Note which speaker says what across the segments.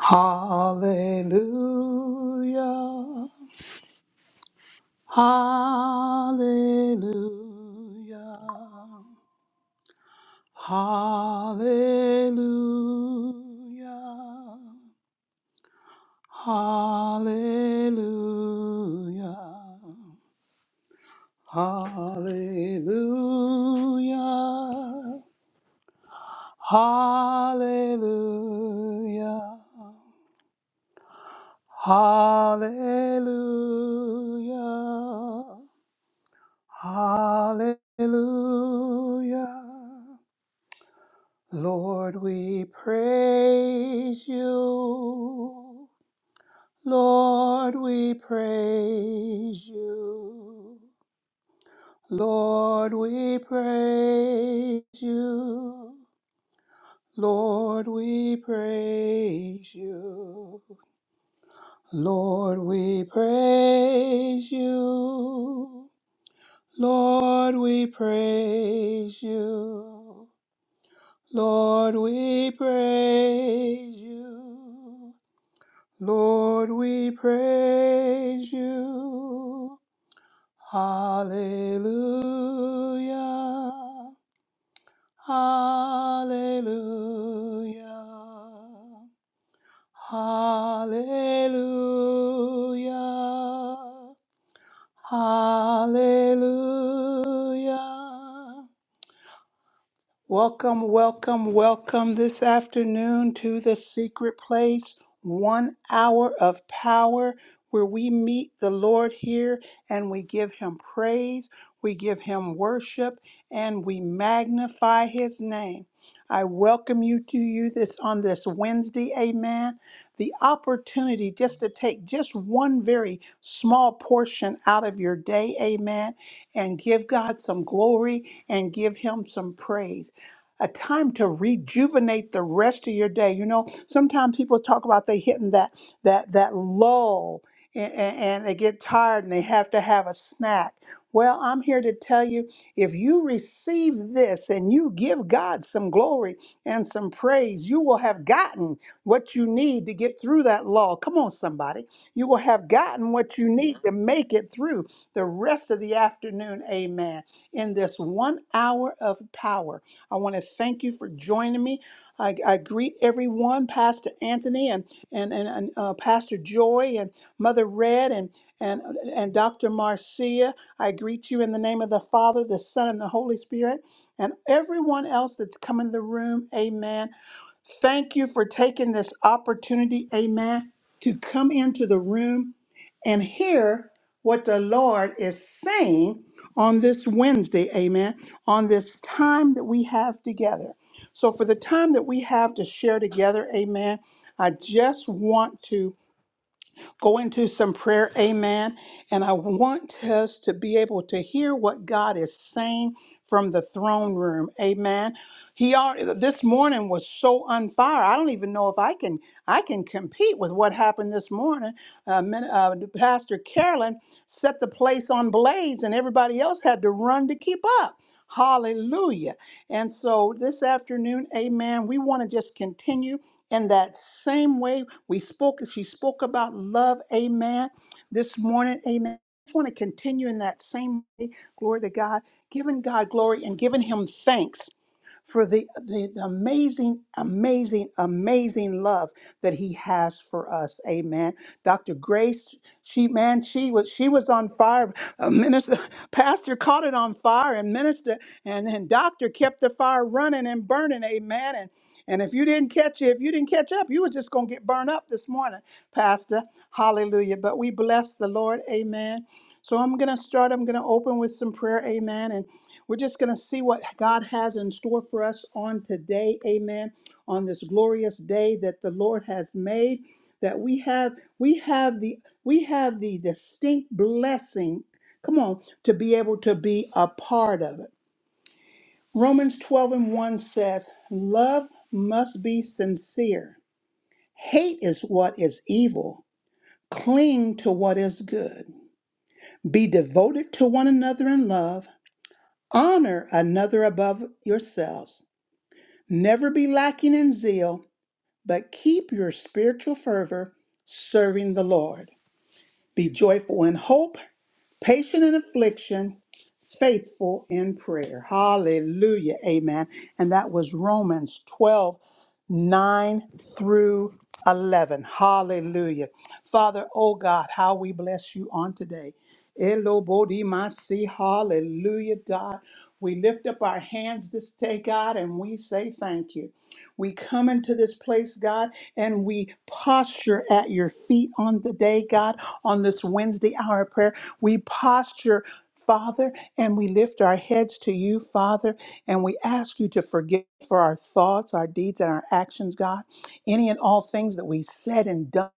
Speaker 1: Hallelujah. Hallelujah. Hallelujah. Hallelujah. Hallelujah. Hallelujah. Hallelujah. Hallelujah. Lord, we praise you. Lord, we praise you. Lord, we praise you. Lord, we praise you. Lord, we praise you. Lord, we praise you. Lord, we praise you. Lord, we praise you. Hallelujah. Hallelujah. Hallelujah. Hallelujah. Welcome, welcome, welcome this afternoon to the secret place, one hour of power where we meet the Lord here and we give him praise, we give him worship, and we magnify his name. I welcome you to you this on this Wednesday, amen. The opportunity just to take just one very small portion out of your day, amen, and give God some glory and give him some praise a time to rejuvenate the rest of your day. You know, sometimes people talk about they hitting that that that lull and, and they get tired and they have to have a snack. Well, I'm here to tell you if you receive this and you give God some glory and some praise, you will have gotten what you need to get through that lull. Come on, somebody. You will have gotten what you need to make it through the rest of the afternoon. Amen. In this one hour of power. I want to thank you for joining me. I, I greet everyone, Pastor Anthony and and and, and uh, Pastor Joy and Mother Red and and and Dr. Marcia. I greet you in the name of the Father, the Son, and the Holy Spirit, and everyone else that's come in the room. Amen. Thank you for taking this opportunity, amen, to come into the room and hear what the Lord is saying on this Wednesday, amen, on this time that we have together. So, for the time that we have to share together, amen, I just want to go into some prayer. Amen. And I want us to be able to hear what God is saying from the throne room. Amen. He already, this morning was so on fire. I don't even know if I can I can compete with what happened this morning. Uh, min- uh, Pastor Carolyn set the place on blaze, and everybody else had to run to keep up. Hallelujah. And so this afternoon, amen, we want to just continue. In that same way, we spoke, she spoke about love, amen, this morning, amen. I just want to continue in that same way, glory to God, giving God glory and giving Him thanks for the, the, the amazing, amazing, amazing love that he has for us. Amen. Dr. Grace, she man, she was she was on fire. A minister, pastor caught it on fire, and minister and, and doctor kept the fire running and burning. Amen. And and if you didn't catch it, if you didn't catch up, you were just gonna get burned up this morning, Pastor. Hallelujah. But we bless the Lord. Amen. So I'm gonna start. I'm gonna open with some prayer. Amen. And we're just going to see what God has in store for us on today. Amen. On this glorious day that the Lord has made that we have we have the we have the distinct blessing come on to be able to be a part of it. Romans 12 and 1 says, "Love must be sincere. Hate is what is evil. Cling to what is good. Be devoted to one another in love. Honor another above yourselves." Never be lacking in zeal, but keep your spiritual fervor serving the Lord. Be joyful in hope, patient in affliction, faithful in prayer. Hallelujah. Amen. And that was Romans 12 9 through 11. Hallelujah. Father, oh God, how we bless you on today. Elobodimasi, Hallelujah, God. We lift up our hands this day, God, and we say thank you. We come into this place, God, and we posture at your feet on the day, God, on this Wednesday hour of prayer. We posture, Father, and we lift our heads to you, Father, and we ask you to forgive for our thoughts, our deeds, and our actions, God. Any and all things that we said and done,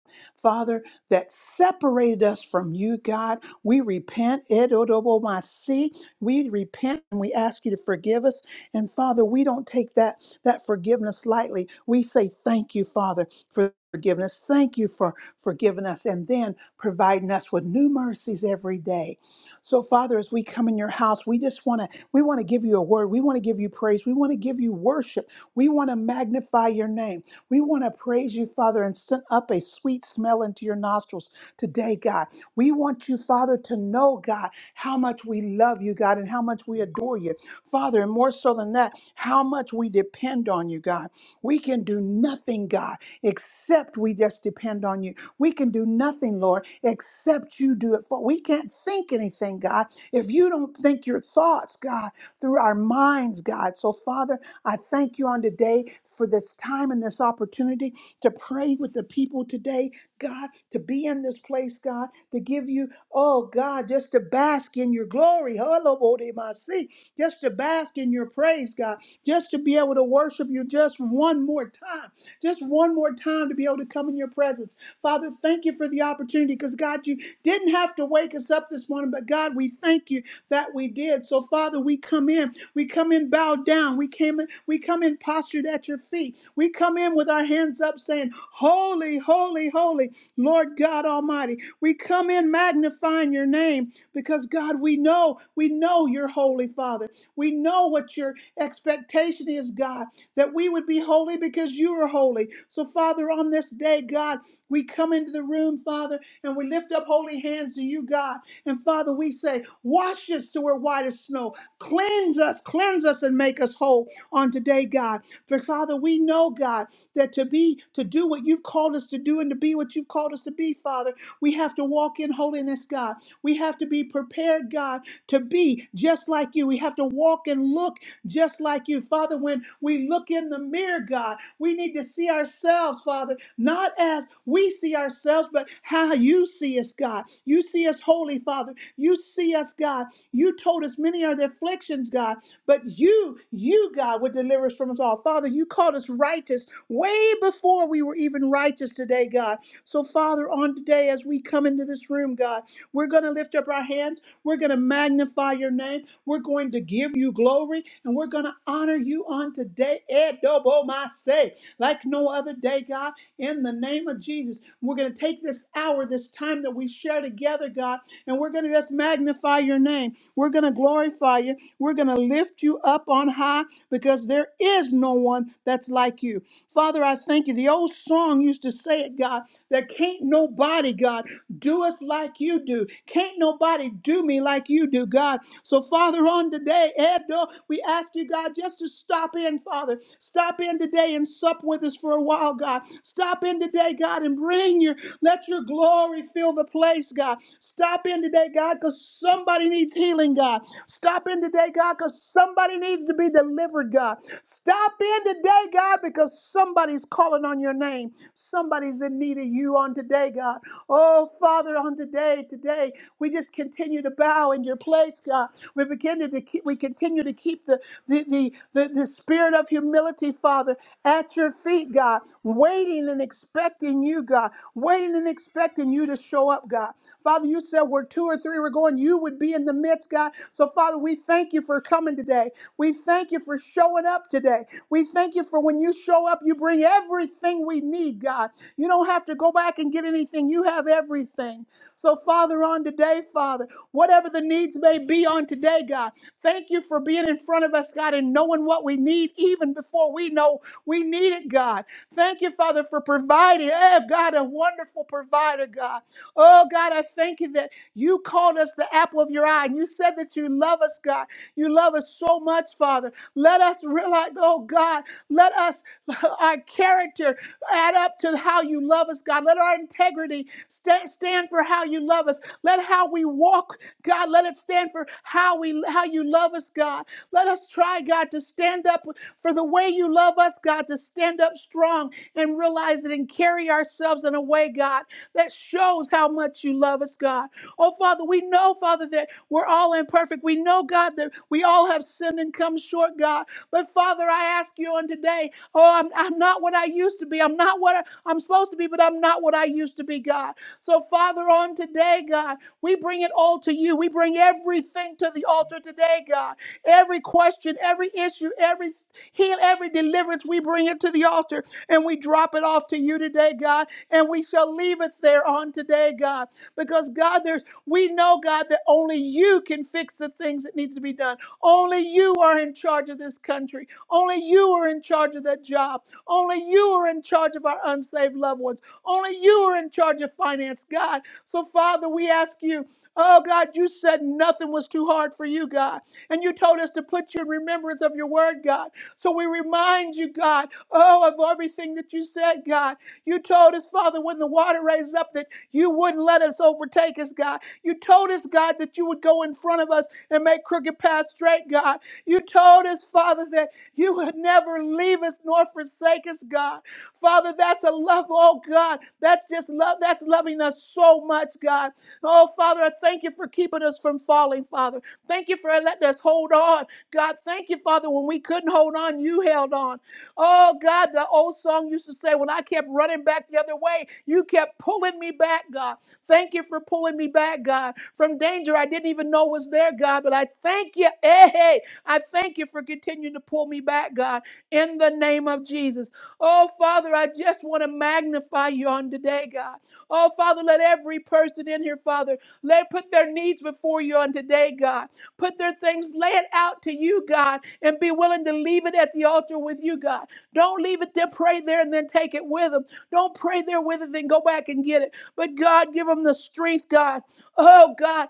Speaker 1: Father, that separated us from you, God. We repent. Edo dobo masi. We repent and we ask you to forgive us and Father, we don't take that that forgiveness lightly. We say thank you, Father, for forgiveness. Thank you for forgiving us and then providing us with new mercies every day. So Father, as we come in your house, we just want to we want to give you a word. We want to give you praise. We want to give you worship. We want to magnify your name. We want to praise you, Father, and send up a sweet smell into your nostrils today, God. We want you, Father, to know, God, how much we love you, God, and how much we adore you. Father, and more so than that, how much we depend on you, God. We can do nothing, God, except we just depend on you. We can do nothing, Lord, except you do it for. We can't think anything, God, if you don't think your thoughts, God, through our minds, God. So, Father, I thank you on today for this time and this opportunity to pray with the people today, God, to be in this place, God, to give you, oh God, just to bask in your glory. Hello, Bodhi Masi just to bask in your praise, God, just to be able to worship you just one more time, just one more time to be able to come in your presence. Father, thank you for the opportunity because, God, you didn't have to wake us up this morning, but God, we thank you that we did. So, Father, we come in, we come in bowed down, we came in, we come in postured at your feet, we come in with our hands up saying, Holy, holy, holy, Lord God Almighty. We come in magnifying your name. Because God, we know, we know you're holy, Father. We know what your expectation is, God, that we would be holy because you are holy. So, Father, on this day, God, we come into the room, Father, and we lift up holy hands to you, God. And Father, we say, Wash us to we're white as snow. Cleanse us, cleanse us, and make us whole on today, God. For Father, we know, God, that to be, to do what you've called us to do and to be what you've called us to be, Father, we have to walk in holiness, God. We have to be prepared, God, to be just like you. We have to walk and look just like you. Father, when we look in the mirror, God, we need to see ourselves, Father, not as we see ourselves, but how you see us, God. You see us holy, Father. You see us, God. You told us many are the afflictions, God, but you, you, God, would deliver us from us all. Father, you called us righteous way before we were even righteous today, God. So, Father, on today, as we come into this room, God, we're going to lift up our hands. We're going to magnify your name. We're going to give you glory and we're going to honor you on today. Edobomaseh, Like no other day, God, in the name of Jesus. We're going to take this hour, this time that we share together, God, and we're going to just magnify your name. We're going to glorify you. We're going to lift you up on high because there is no one that's like you. Father, I thank you. The old song used to say it, God, There can't nobody, God. Do us like you do. Can't nobody do me like you do, God. So, Father, on today, Edo, we ask you, God, just to stop in, Father. Stop in today and sup with us for a while, God. Stop in today, God, and bring your, let your glory fill the place, God. Stop in today, God, because somebody needs healing, God. Stop in today today, God, because somebody needs to be delivered, God. Stop in today, God, because somebody's calling on your name. Somebody's in need of you on today, God. Oh, Father, on today, today, we just continue to bow in your place, God. We begin to, to keep, we continue to keep the, the, the, the, the spirit of humility, Father, at your feet, God, waiting and expecting you, God, waiting and expecting you to show up, God. Father, you said where two or three were going, you would be in the midst, God. So, Father, we thank you for coming today. We thank you for showing up today. We thank you for when you show up, you bring everything we need, God. You don't have to go back and get anything, you have everything. So, Father, on today, Father, whatever the needs may be on today, God, thank you for being in front of us, God, and knowing what we need even before we know we need it, God. Thank you, Father, for providing. Oh, God, a wonderful provider, God. Oh, God, I thank you that you called us the apple of your eye and you said that you love us, God. You love us so much, Father. Let us realize, oh, God, let us, our character add up to how you love us, God. Let our integrity sta- stand for how you love us. Let how we walk, God, let it stand for how we how you love us, God. Let us try, God, to stand up for the way you love us, God, to stand up strong and realize it and carry ourselves in a way, God, that shows how much you love us, God. Oh, Father, we know, Father, that we're all imperfect. We know, God, that we all have sinned and come short, God. But, Father, I ask you on today, oh, I'm, I'm not what I used to be. I'm not what I, I'm supposed to be, but I'm not what I used to be, God. So, Father, on today, God, we bring it all to you. We bring everything to the altar today, God. Every question, every issue, every. Heal every deliverance. We bring it to the altar and we drop it off to you today, God. And we shall leave it there on today, God. Because God, there's we know, God, that only you can fix the things that needs to be done. Only you are in charge of this country. Only you are in charge of that job. Only you are in charge of our unsaved loved ones. Only you are in charge of finance, God. So, Father, we ask you. Oh God, you said nothing was too hard for you, God. And you told us to put you in remembrance of your word, God. So we remind you, God, oh, of everything that you said, God. You told us, Father, when the water raised up, that you wouldn't let us overtake us, God. You told us, God, that you would go in front of us and make crooked paths straight, God. You told us, Father, that you would never leave us nor forsake us, God. Father, that's a love, oh God. That's just love. That's loving us so much, God. Oh, Father, I thank you for keeping us from falling, Father. Thank you for letting us hold on. God, thank you, Father, when we couldn't hold on, you held on. Oh, God, the old song used to say, when I kept running back the other way, you kept pulling me back, God. Thank you for pulling me back, God, from danger I didn't even know was there, God, but I thank you. Hey, hey, I thank you for continuing to pull me back, God, in the name of Jesus. Oh, Father, I just want to magnify you on today, God. Oh, Father, let every person in here, Father, let put their needs before you on today, God. Put their things, lay it out to you, God, and be willing to leave it at the altar with you, God. Don't leave it there, pray there, and then take it with them. Don't pray there with it, then go back and get it. But God, give them the strength, God. Oh, God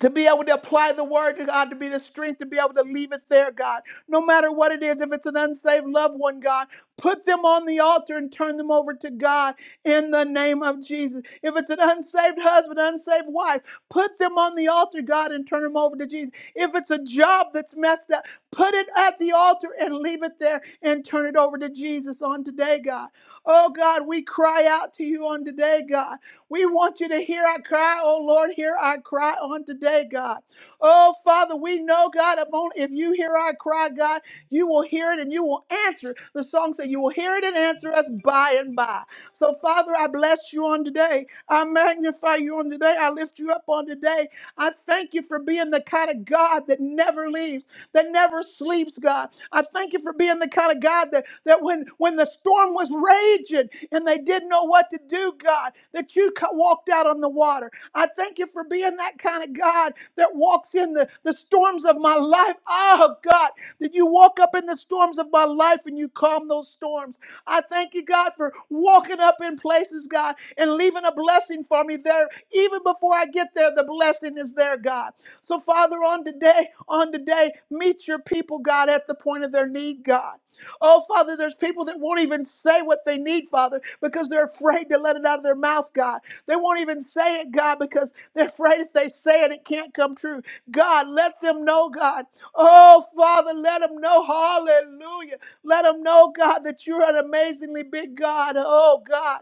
Speaker 1: to be able to apply the word to God, to be the strength to be able to leave it there, God. No matter what it is, if it's an unsaved loved one, God, put them on the altar and turn them over to God in the name of Jesus. If it's an unsaved husband, unsaved wife, put them on the altar, God, and turn them over to Jesus. If it's a job that's messed up, put it at the altar and leave it there and turn it over to Jesus on today, God. Oh, God, we cry out to you on today, God. We want you to hear our cry, oh Lord, hear our cry on today, God. Oh Father, we know, God, if, only, if you hear our cry, God, you will hear it and you will answer. The song said, You will hear it and answer us by and by. So, Father, I bless you on today. I magnify you on today. I lift you up on today. I thank you for being the kind of God that never leaves, that never sleeps, God. I thank you for being the kind of God that, that when, when the storm was raging and they didn't know what to do, God, that you co- walked out on the water. I thank you for being that kind of God God, that walks in the, the storms of my life. Oh, God, that you walk up in the storms of my life and you calm those storms. I thank you, God, for walking up in places, God, and leaving a blessing for me there. Even before I get there, the blessing is there, God. So, Father, on today, on today, meet your people, God, at the point of their need, God. Oh, Father, there's people that won't even say what they need, Father, because they're afraid to let it out of their mouth, God. They won't even say it, God, because they're afraid if they say it, it can't come true. God, let them know, God. Oh, Father, let them know. Hallelujah. Let them know, God, that you're an amazingly big God. Oh, God.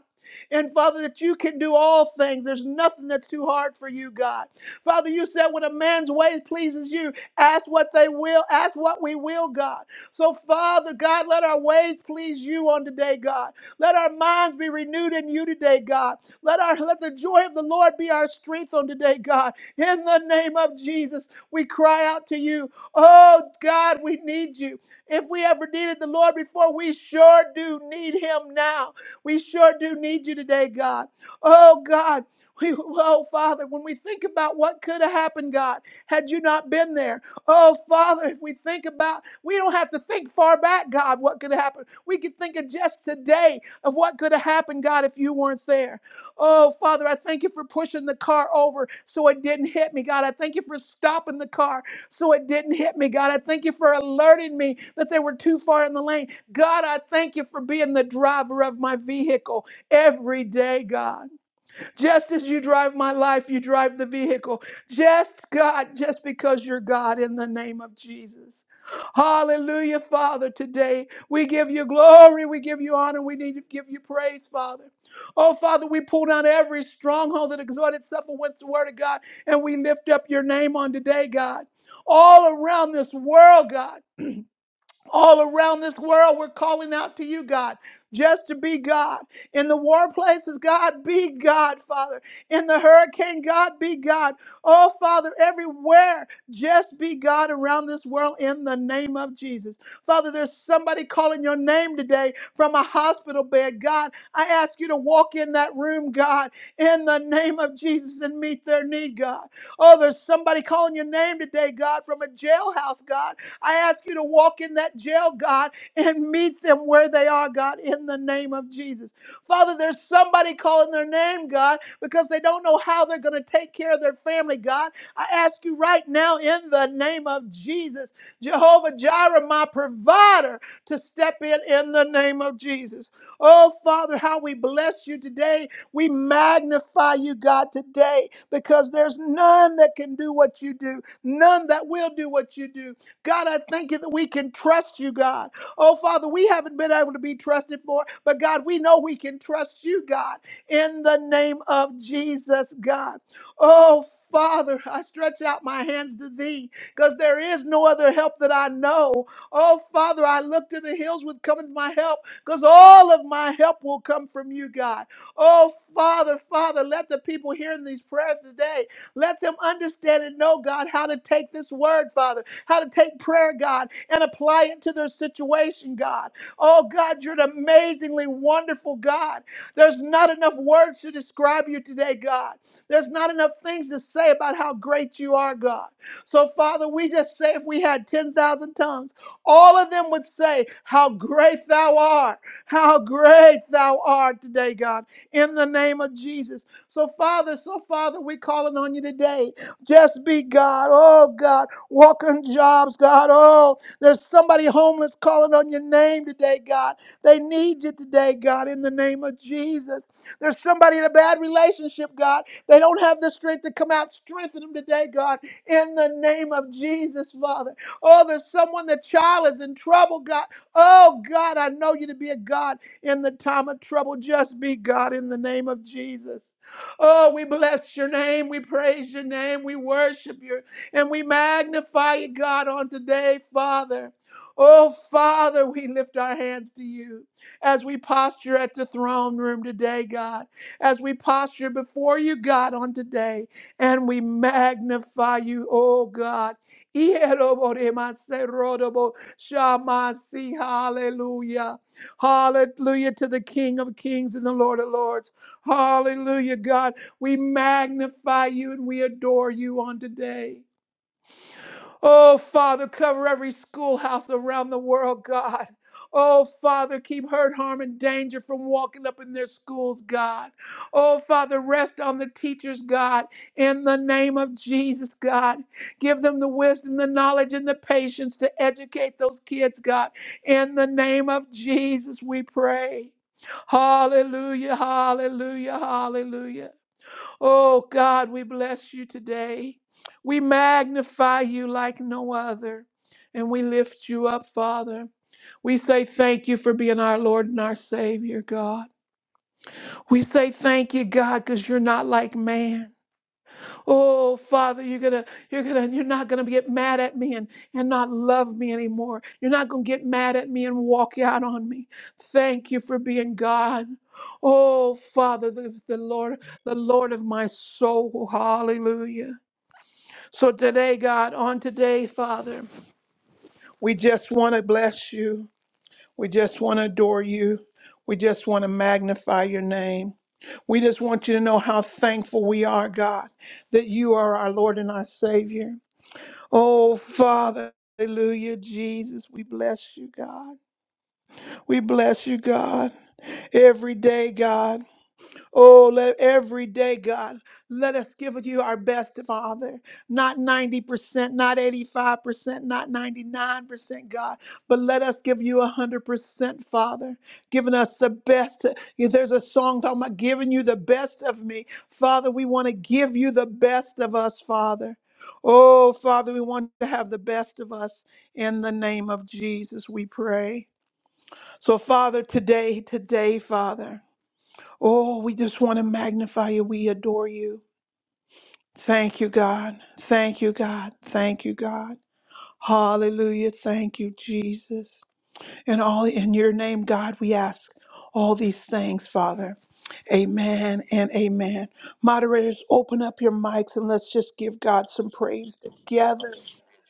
Speaker 1: And Father, that you can do all things. There's nothing that's too hard for you, God. Father, you said when a man's way pleases you, ask what they will, ask what we will, God. So, Father, God, let our ways please you on today, God. Let our minds be renewed in you today, God. Let our let the joy of the Lord be our strength on today, God. In the name of Jesus, we cry out to you. Oh God, we need you. If we ever needed the Lord before, we sure do need him now. We sure do need you today, God. Oh God. We, oh, Father, when we think about what could have happened, God, had you not been there. Oh, Father, if we think about, we don't have to think far back, God, what could have happened. We can think of just today of what could have happened, God, if you weren't there. Oh, Father, I thank you for pushing the car over so it didn't hit me, God. I thank you for stopping the car so it didn't hit me, God. I thank you for alerting me that they were too far in the lane. God, I thank you for being the driver of my vehicle every day, God. Just as you drive my life, you drive the vehicle. Just God, just because you're God in the name of Jesus. Hallelujah, Father. Today we give you glory, we give you honor, we need to give you praise, Father. Oh, Father, we pull down every stronghold that exhorted itself against the word of God, and we lift up your name on today, God. All around this world, God all around this world, we're calling out to you, God, just to be God. In the war places, God, be God, Father. In the hurricane, God, be God. Oh, Father, everywhere, just be God around this world in the name of Jesus. Father, there's somebody calling your name today from a hospital bed. God, I ask you to walk in that room, God, in the name of Jesus and meet their need, God. Oh, there's somebody calling your name today, God, from a jailhouse, God. I ask you to walk in that jail, God, and meet them where they are, God, in the name of Jesus. Father, there's somebody calling their name, God, because they don't know how they're going to take care of their family, God. I ask you right now in the name of Jesus, Jehovah Jireh, my provider, to step in in the name of Jesus. Oh, Father, how we bless you today. We magnify you, God, today because there's none that can do what you do, none that will do what you do. God, I thank you that we can trust you, God. Oh, Father, we haven't been able to be trusted for, but God, we know we can trust you, God, in the name of Jesus, God. Oh, Father, I stretch out my hands to thee because there is no other help that I know. Oh, Father, I look to the hills with coming my help because all of my help will come from you, God. Oh, Father, Father, let the people hearing these prayers today, let them understand and know, God, how to take this word, Father how to take prayer, God, and apply it to their situation, God. Oh, God, you're an amazingly wonderful God. There's not enough words to describe you today, God. There's not enough things to say about how great you are, God. So, Father, we just say if we had 10,000 tongues, all of them would say, How great thou art, how great thou art today, God, in the name of Jesus. So, Father, so, Father, we're calling on you today. Just be God. Oh, God walking jobs, God. Oh, there's somebody homeless calling on your name today, God. They need you today, God, in the name of Jesus. There's somebody in a bad relationship, God. They don't have the strength to come out. Strengthen them today, God, in the name of Jesus, Father. Oh, there's someone, the child is in trouble, God. Oh, God, I know you to be a God in the time of trouble. Just be God in the name of Jesus. Oh, we bless your name. We praise your name. We worship you. And we magnify you, God, on today, Father. Oh, Father, we lift our hands to you as we posture at the throne room today, God, as we posture before you, God, on today, and we magnify you, oh God. Shamasi, hallelujah. Hallelujah to the King of Kings and the Lord of Lords. Hallelujah, God. We magnify you and we adore you on today. Oh, Father, cover every schoolhouse around the world, God. Oh, Father, keep hurt, harm, and danger from walking up in their schools, God. Oh, Father, rest on the teachers, God, in the name of Jesus, God. Give them the wisdom, the knowledge, and the patience to educate those kids, God. In the name of Jesus, we pray. Hallelujah, hallelujah, hallelujah. Oh God, we bless you today. We magnify you like no other. And we lift you up, Father. We say thank you for being our Lord and our Savior, God. We say thank you, God, because you're not like man. Oh, Father, you're gonna, you're gonna, you're not gonna get mad at me and, and not love me anymore. You're not gonna get mad at me and walk out on me. Thank you for being God. Oh, Father, the, the Lord, the Lord of my soul. Hallelujah. So today, God, on today, Father, we just want to bless you. We just want to adore you. We just want to magnify your name. We just want you to know how thankful we are, God, that you are our Lord and our Savior. Oh, Father. Hallelujah, Jesus. We bless you, God. We bless you, God. Every day, God. Oh, let every day, God, let us give you our best, Father. Not 90%, not 85%, not 99%, God, but let us give you 100%, Father. Giving us the best. If there's a song talking about giving you the best of me, Father, we want to give you the best of us, Father. Oh, Father, we want to have the best of us. In the name of Jesus, we pray. So, Father, today, today, Father. Oh, we just want to magnify you. We adore you. Thank you, God. Thank you, God. Thank you, God. Hallelujah. Thank you, Jesus. And all in your name, God, we ask all these things, Father. Amen and amen. Moderators, open up your mics and let's just give God some praise together.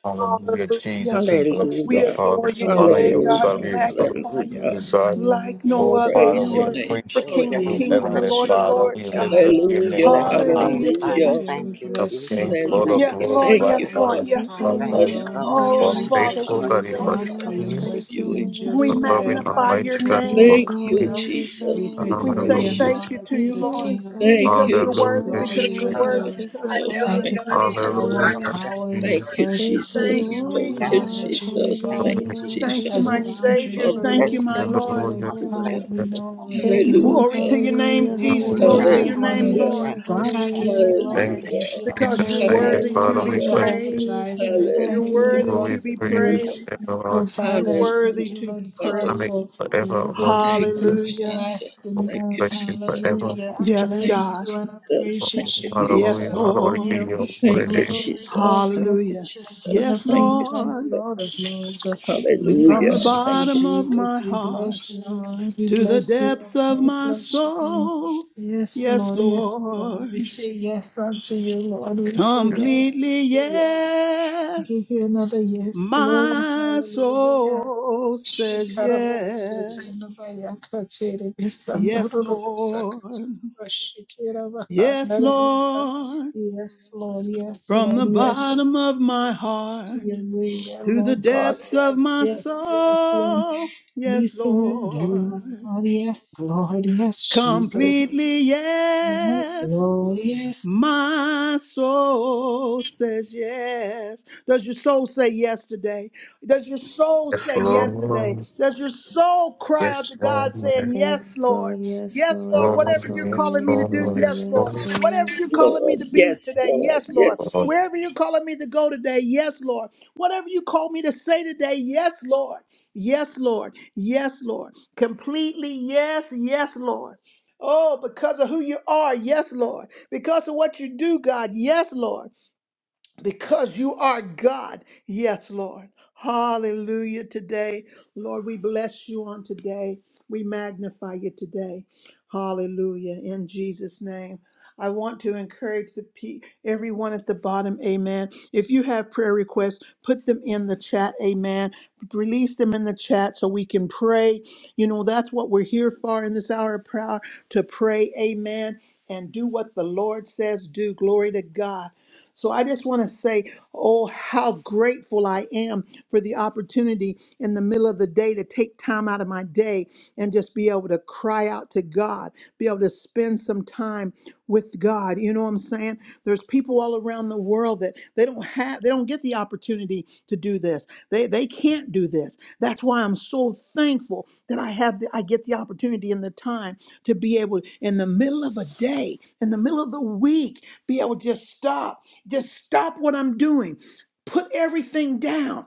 Speaker 2: Hallelujah,
Speaker 1: Hallelujah.
Speaker 2: Jesus, we bless you,
Speaker 1: We
Speaker 3: Hallelujah.
Speaker 2: Father.
Speaker 1: adore you
Speaker 4: Glory
Speaker 2: Honor
Speaker 4: be
Speaker 1: today,
Speaker 2: you,
Speaker 4: to
Speaker 1: God.
Speaker 2: God.
Speaker 3: Hallelujah.
Speaker 1: We
Speaker 2: We
Speaker 4: Jesus.
Speaker 2: exalt
Speaker 4: We
Speaker 1: magnify you
Speaker 3: Hallelujah.
Speaker 2: you,
Speaker 4: bless your
Speaker 2: God.
Speaker 4: name. We
Speaker 1: like no
Speaker 2: Oh,
Speaker 1: other.
Speaker 2: Father,
Speaker 4: magnify
Speaker 3: Praise
Speaker 1: You
Speaker 2: we
Speaker 3: your
Speaker 1: are
Speaker 4: you.
Speaker 3: name.
Speaker 1: the
Speaker 2: appreciate
Speaker 5: Praise
Speaker 1: King
Speaker 5: your
Speaker 1: of
Speaker 4: We
Speaker 5: Lord.
Speaker 2: you,
Speaker 1: Kings
Speaker 3: Hallelujah,
Speaker 1: and the
Speaker 2: Heavenly
Speaker 4: exalt
Speaker 1: Lord
Speaker 4: you,
Speaker 1: of
Speaker 5: Hallelujah.
Speaker 2: Father.
Speaker 4: our
Speaker 1: Lords,
Speaker 2: We
Speaker 3: Jesus.
Speaker 4: King
Speaker 2: lift
Speaker 1: God.
Speaker 4: and
Speaker 2: up
Speaker 4: our
Speaker 2: your name
Speaker 3: Hallelujah.
Speaker 4: Lord and
Speaker 5: Bless
Speaker 2: on
Speaker 5: your
Speaker 2: high.
Speaker 4: our
Speaker 5: name,
Speaker 1: Hallelujah to
Speaker 3: Hallelujah.
Speaker 5: Father.
Speaker 1: you,
Speaker 4: Savior.
Speaker 5: Thank
Speaker 4: We
Speaker 5: you,
Speaker 2: Of
Speaker 1: Jesus.
Speaker 4: bless you,
Speaker 5: Jesus.
Speaker 2: kings, Lord
Speaker 4: God,
Speaker 2: of
Speaker 5: Thank
Speaker 3: Hallelujah.
Speaker 1: Yes,
Speaker 5: you,
Speaker 4: because you
Speaker 2: lords,
Speaker 1: Lord.
Speaker 4: are
Speaker 3: Thank
Speaker 2: by
Speaker 3: you,
Speaker 1: Yes,
Speaker 5: Jesus.
Speaker 4: mighty
Speaker 1: Lord.
Speaker 3: Father,
Speaker 4: and a
Speaker 2: honest,
Speaker 1: Yes,
Speaker 3: for
Speaker 2: God,
Speaker 1: Lord.
Speaker 4: powerful
Speaker 2: by
Speaker 5: Thank you,
Speaker 3: another
Speaker 6: Amen.
Speaker 4: God.
Speaker 5: Lord.
Speaker 1: Oh,
Speaker 2: for
Speaker 4: We
Speaker 5: Thank
Speaker 6: Amen.
Speaker 5: you,
Speaker 1: Father,
Speaker 4: bless you,
Speaker 2: faithful,
Speaker 1: we
Speaker 5: Lord.
Speaker 2: God,
Speaker 4: Lord
Speaker 2: you
Speaker 1: adore
Speaker 5: Thank
Speaker 2: are
Speaker 1: you.
Speaker 4: God,
Speaker 5: you,
Speaker 4: for
Speaker 5: Lord.
Speaker 4: your
Speaker 6: Amen.
Speaker 2: true,
Speaker 3: of
Speaker 6: God, you're
Speaker 4: mercies
Speaker 3: you.
Speaker 4: endures
Speaker 1: We
Speaker 2: for
Speaker 6: worthy.
Speaker 2: loving,
Speaker 5: Thank
Speaker 4: forever.
Speaker 1: magnify
Speaker 4: We
Speaker 5: you.
Speaker 1: your
Speaker 2: almighty
Speaker 4: say
Speaker 2: God, you are
Speaker 1: name.
Speaker 6: You
Speaker 3: Thank
Speaker 6: are
Speaker 3: you,
Speaker 2: kind.
Speaker 4: hallelujah.
Speaker 6: worthy,
Speaker 4: We
Speaker 3: Jesus.
Speaker 4: say
Speaker 3: We
Speaker 1: We
Speaker 6: God.
Speaker 1: say
Speaker 4: glory
Speaker 2: Hallelujah,
Speaker 3: praise
Speaker 4: and
Speaker 3: you,
Speaker 2: Jesus.
Speaker 1: thank you
Speaker 4: honor
Speaker 1: to
Speaker 3: Father.
Speaker 6: You
Speaker 4: to
Speaker 1: you,
Speaker 4: the
Speaker 6: are
Speaker 1: Lord,
Speaker 4: King of
Speaker 3: Thank
Speaker 6: exalted,
Speaker 1: because
Speaker 4: Kings.
Speaker 6: O
Speaker 3: you,
Speaker 1: you're
Speaker 4: We
Speaker 2: Hallelujah,
Speaker 1: worthy,
Speaker 5: Praise
Speaker 6: God.
Speaker 4: adore
Speaker 2: Jesus.
Speaker 1: because
Speaker 6: You
Speaker 5: you,
Speaker 3: Jesus.
Speaker 4: you,
Speaker 1: you're
Speaker 6: are
Speaker 4: Lord
Speaker 3: Thank
Speaker 5: Lord.
Speaker 3: you,
Speaker 1: worthy,
Speaker 4: God.
Speaker 6: righteous, O
Speaker 1: because
Speaker 5: Praise
Speaker 1: you're
Speaker 3: Jesus.
Speaker 1: worthy,
Speaker 4: Thank
Speaker 6: God.
Speaker 4: you
Speaker 3: Thank
Speaker 4: for
Speaker 6: You
Speaker 3: you,
Speaker 6: are
Speaker 1: because
Speaker 4: this
Speaker 1: you're
Speaker 5: you,
Speaker 4: hour
Speaker 2: Hallelujah,
Speaker 1: worthy.
Speaker 3: Jesus.
Speaker 4: of
Speaker 5: Lord.
Speaker 6: faithful.
Speaker 5: Thank
Speaker 4: power in your
Speaker 3: Thank
Speaker 2: Jesus.
Speaker 3: you,
Speaker 4: presence.
Speaker 6: Faithful
Speaker 4: Thank
Speaker 6: you
Speaker 1: Thank
Speaker 4: you,
Speaker 1: you,
Speaker 3: Jesus.
Speaker 5: you.
Speaker 4: Lord
Speaker 6: are,
Speaker 3: Thank
Speaker 5: Hallelujah.
Speaker 3: you,
Speaker 1: Jesus.
Speaker 4: God, that
Speaker 6: God.
Speaker 4: you are
Speaker 3: Jesus.
Speaker 5: Thank
Speaker 3: Thank
Speaker 4: God
Speaker 5: you,
Speaker 3: you,
Speaker 2: Hallelujah,
Speaker 5: Jesus.
Speaker 6: Hallelujah.
Speaker 4: who
Speaker 1: Thank you,
Speaker 4: sets
Speaker 1: my
Speaker 2: Jesus.
Speaker 6: Faithful,
Speaker 3: Jesus.
Speaker 4: boundaries
Speaker 1: Savior.
Speaker 6: faithful,
Speaker 4: for
Speaker 1: Thank
Speaker 3: Hallelujah.
Speaker 5: Bless
Speaker 1: you,
Speaker 4: us.
Speaker 1: my
Speaker 6: faithful,
Speaker 4: Thank you,
Speaker 1: Lord.
Speaker 2: Hallelujah,
Speaker 4: Lord
Speaker 5: God
Speaker 6: faithful.
Speaker 5: bless
Speaker 4: God. We
Speaker 5: your
Speaker 4: know, Lord,
Speaker 5: holy
Speaker 4: your
Speaker 5: name,
Speaker 6: Faithful.
Speaker 1: Glory
Speaker 3: Hallelujah.
Speaker 1: to
Speaker 4: deliverance you
Speaker 1: your
Speaker 4: have
Speaker 1: name,
Speaker 6: Hallelujah.
Speaker 4: for us will
Speaker 1: Jesus.
Speaker 2: Jesus.
Speaker 5: holy
Speaker 4: not
Speaker 1: Glory
Speaker 4: be
Speaker 1: to
Speaker 5: God.
Speaker 3: Hallelujah.
Speaker 6: Hallelujah.
Speaker 1: your name,
Speaker 4: thwarted.
Speaker 1: Lord,
Speaker 5: Thank
Speaker 6: Hallelujah.
Speaker 5: you,
Speaker 4: God, I
Speaker 5: thank
Speaker 4: give you
Speaker 6: Hallelujah.
Speaker 3: Hallelujah.
Speaker 5: you, thank
Speaker 4: glory. I
Speaker 2: Thank you,
Speaker 5: you,
Speaker 4: give you
Speaker 1: because
Speaker 4: honor. I
Speaker 2: Jesus.
Speaker 1: you're
Speaker 2: Thank
Speaker 4: thank
Speaker 2: you,
Speaker 5: thank
Speaker 3: Hallelujah.
Speaker 4: you
Speaker 1: worthy
Speaker 5: you,
Speaker 4: for
Speaker 1: to
Speaker 6: Hallelujah.
Speaker 2: Father.
Speaker 1: be
Speaker 4: being
Speaker 5: Lord
Speaker 2: We
Speaker 6: Thank you,
Speaker 5: Jesus.
Speaker 4: Jehovah
Speaker 2: bless you.
Speaker 1: praised.
Speaker 3: Hallelujah.
Speaker 4: Jireh.
Speaker 6: Jesus.
Speaker 4: I
Speaker 3: Hallelujah.
Speaker 1: You're
Speaker 4: thank you, Lord
Speaker 1: worthy
Speaker 2: Oh,
Speaker 4: God,
Speaker 6: Hallelujah.
Speaker 2: we
Speaker 1: to
Speaker 4: for
Speaker 1: be
Speaker 5: Bless
Speaker 2: praise you
Speaker 4: being
Speaker 5: the Lord,
Speaker 4: my
Speaker 1: praised.
Speaker 2: forever,
Speaker 5: my
Speaker 2: Lord
Speaker 1: You're
Speaker 4: provider. I
Speaker 3: Hallelujah.
Speaker 2: Jesus.
Speaker 1: worthy
Speaker 4: thank
Speaker 5: soul.
Speaker 4: you,
Speaker 1: to be
Speaker 4: Lord
Speaker 2: I
Speaker 4: God,
Speaker 3: Hallelujah.
Speaker 2: mean,
Speaker 4: for
Speaker 1: praised.
Speaker 2: forever,
Speaker 4: loving
Speaker 2: Lord
Speaker 4: me
Speaker 3: Thank
Speaker 4: with
Speaker 3: you,
Speaker 4: an
Speaker 2: Jesus.
Speaker 1: Hallelujah.
Speaker 3: Jesus.
Speaker 2: Oh,
Speaker 4: everlasting
Speaker 2: we
Speaker 3: Thank
Speaker 4: love.
Speaker 3: you,
Speaker 2: bless you forever.
Speaker 3: Jesus.
Speaker 4: Hallelujah. I
Speaker 1: Yes,
Speaker 3: Thank you,
Speaker 4: bless
Speaker 1: God.
Speaker 4: you and I
Speaker 2: Oh,
Speaker 3: Jesus.
Speaker 4: praise you,
Speaker 3: Thank you,
Speaker 4: Jesus.
Speaker 2: Hallelujah.
Speaker 1: Yes,
Speaker 3: Jesus.
Speaker 2: Hallelujah be
Speaker 1: Lord.
Speaker 4: Hallelujah.
Speaker 2: your holy
Speaker 3: Thank you,
Speaker 2: name.
Speaker 4: Glory,
Speaker 3: Jesus.
Speaker 4: glory,
Speaker 3: Thank you,
Speaker 4: glory
Speaker 1: Hallelujah.
Speaker 4: to the King
Speaker 3: Jesus.
Speaker 1: Yes,
Speaker 4: of
Speaker 3: Thank you,
Speaker 4: Kings and the
Speaker 1: Lord.
Speaker 3: Jesus.
Speaker 4: Lord of Lords. Uh, We
Speaker 1: From
Speaker 3: Hallelujah.
Speaker 1: the
Speaker 2: Father.
Speaker 4: worship
Speaker 3: Thank
Speaker 4: you,
Speaker 3: you,
Speaker 1: bottom of
Speaker 4: Jesus.
Speaker 1: my
Speaker 4: We
Speaker 1: heart
Speaker 4: bless you, Lord. We
Speaker 1: to the
Speaker 4: bless you, Lord.
Speaker 1: depths of
Speaker 3: Jesus.
Speaker 4: God
Speaker 1: my
Speaker 4: bless your name.
Speaker 1: soul.
Speaker 4: Yes,
Speaker 1: Yes,
Speaker 4: Lord. Yes, Lord.
Speaker 1: Lord.
Speaker 4: We say yes unto you, Lord. We say yes. We
Speaker 1: Completely
Speaker 4: say yes.
Speaker 1: yes.
Speaker 4: Give you another yes, Lord.
Speaker 1: My
Speaker 4: Hallelujah.
Speaker 1: soul says
Speaker 4: Ikaraboserina
Speaker 1: yes,
Speaker 4: bayakatere
Speaker 1: yes,
Speaker 4: besandororo bosakatara
Speaker 1: Lord,
Speaker 4: bashikera
Speaker 1: yes,
Speaker 4: bahandara basa.
Speaker 1: Lord,
Speaker 4: Yes, Lord, yes,
Speaker 1: from
Speaker 4: Lord,
Speaker 1: the
Speaker 4: yes to
Speaker 1: bottom of
Speaker 4: your
Speaker 1: my
Speaker 4: will, yes to
Speaker 1: heart
Speaker 4: your will, yeah,
Speaker 1: to the
Speaker 4: Lord God,
Speaker 1: depths of
Speaker 4: yes,
Speaker 1: my
Speaker 4: yes, yes, Lord.
Speaker 1: soul,
Speaker 4: We
Speaker 1: yes,
Speaker 4: surrender, Lord
Speaker 1: Lord,
Speaker 4: God, yes, Lord, yes, Jesus.
Speaker 1: completely
Speaker 4: Yes,
Speaker 1: yes,
Speaker 4: Lord, yes,
Speaker 1: My soul says yes. Does your soul say yes today? Does your soul
Speaker 2: Yes,
Speaker 1: say yes today?
Speaker 2: Lord.
Speaker 1: Does your soul cry out to
Speaker 2: Yes, Lord.
Speaker 1: God
Speaker 2: Yes,
Speaker 1: saying, Yes,
Speaker 6: Yes,
Speaker 1: Lord?
Speaker 6: Lord. Yes,
Speaker 1: Yes,
Speaker 6: Lord.
Speaker 1: Lord.
Speaker 6: Yes,
Speaker 1: Whatever
Speaker 2: Lord.
Speaker 1: you're
Speaker 6: Lord.
Speaker 2: Yes,
Speaker 1: calling me
Speaker 6: Yes,
Speaker 1: to do,
Speaker 2: Lord.
Speaker 6: Lord.
Speaker 1: yes,
Speaker 2: Yes,
Speaker 6: Yes,
Speaker 1: Lord.
Speaker 2: Lord.
Speaker 1: Whatever
Speaker 6: Lord.
Speaker 1: you're calling me
Speaker 3: Lord.
Speaker 1: to be
Speaker 3: Yes,
Speaker 1: today,
Speaker 3: Lord.
Speaker 1: yes, Lord.
Speaker 3: Yes,
Speaker 1: Wherever you're calling me to go today, yes, Lord. Whatever you call me to say today, yes, Lord. Yes, Lord. Yes, Lord. Completely yes, yes, Lord. Oh, because of who you are. Yes, Lord. Because of what you do, God. Yes, Lord because you are God. Yes, Lord. Hallelujah today. Lord, we bless you on today. We magnify you today. Hallelujah. In Jesus' name. I want to encourage the pe- everyone at the bottom, amen. If you have prayer requests, put them in the chat, amen. Release them in the chat so we can pray. You know, that's what we're here for in this hour of prayer to pray, amen, and do what the Lord says do. Glory to God. So I just want to say, oh, how grateful I am for the opportunity in the middle of the day to take time out of my day and just be able to cry out to God, be able to spend some time with God. You know what I'm saying? There's people all around the world that they don't have they don't get the opportunity to do this. They they can't do this. That's why I'm so thankful that I have the, I get the opportunity and the time to be able in the middle of a day, in the middle of the week, be able to just stop, just stop what I'm doing. Put everything down.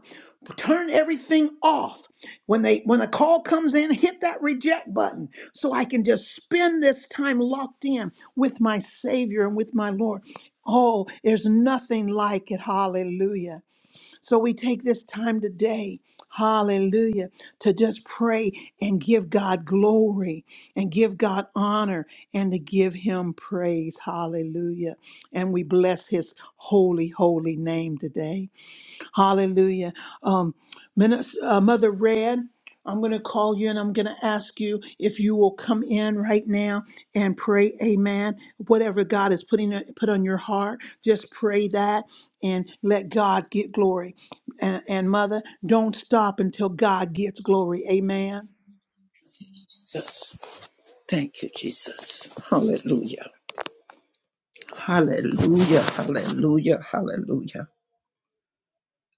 Speaker 1: Turn everything off when they when the call comes in, hit that reject button so I can just spend this time locked in with my Savior and with my Lord. Oh, there's nothing like it. Hallelujah. So we take this time today, hallelujah, to just pray and give God glory and give God honor and to give him praise. Hallelujah. And we bless his holy, holy name today. Hallelujah. Um, Minis- uh, Mother Red, I'm going to call you and I'm going to ask you if you will come in right now and pray, Amen. Whatever God is putting uh, put on your heart, just pray that and let God get glory. And, and Mother, don't stop until God gets glory. Amen.
Speaker 3: Jesus. Thank you, Jesus. Hallelujah. Hallelujah, hallelujah, hallelujah.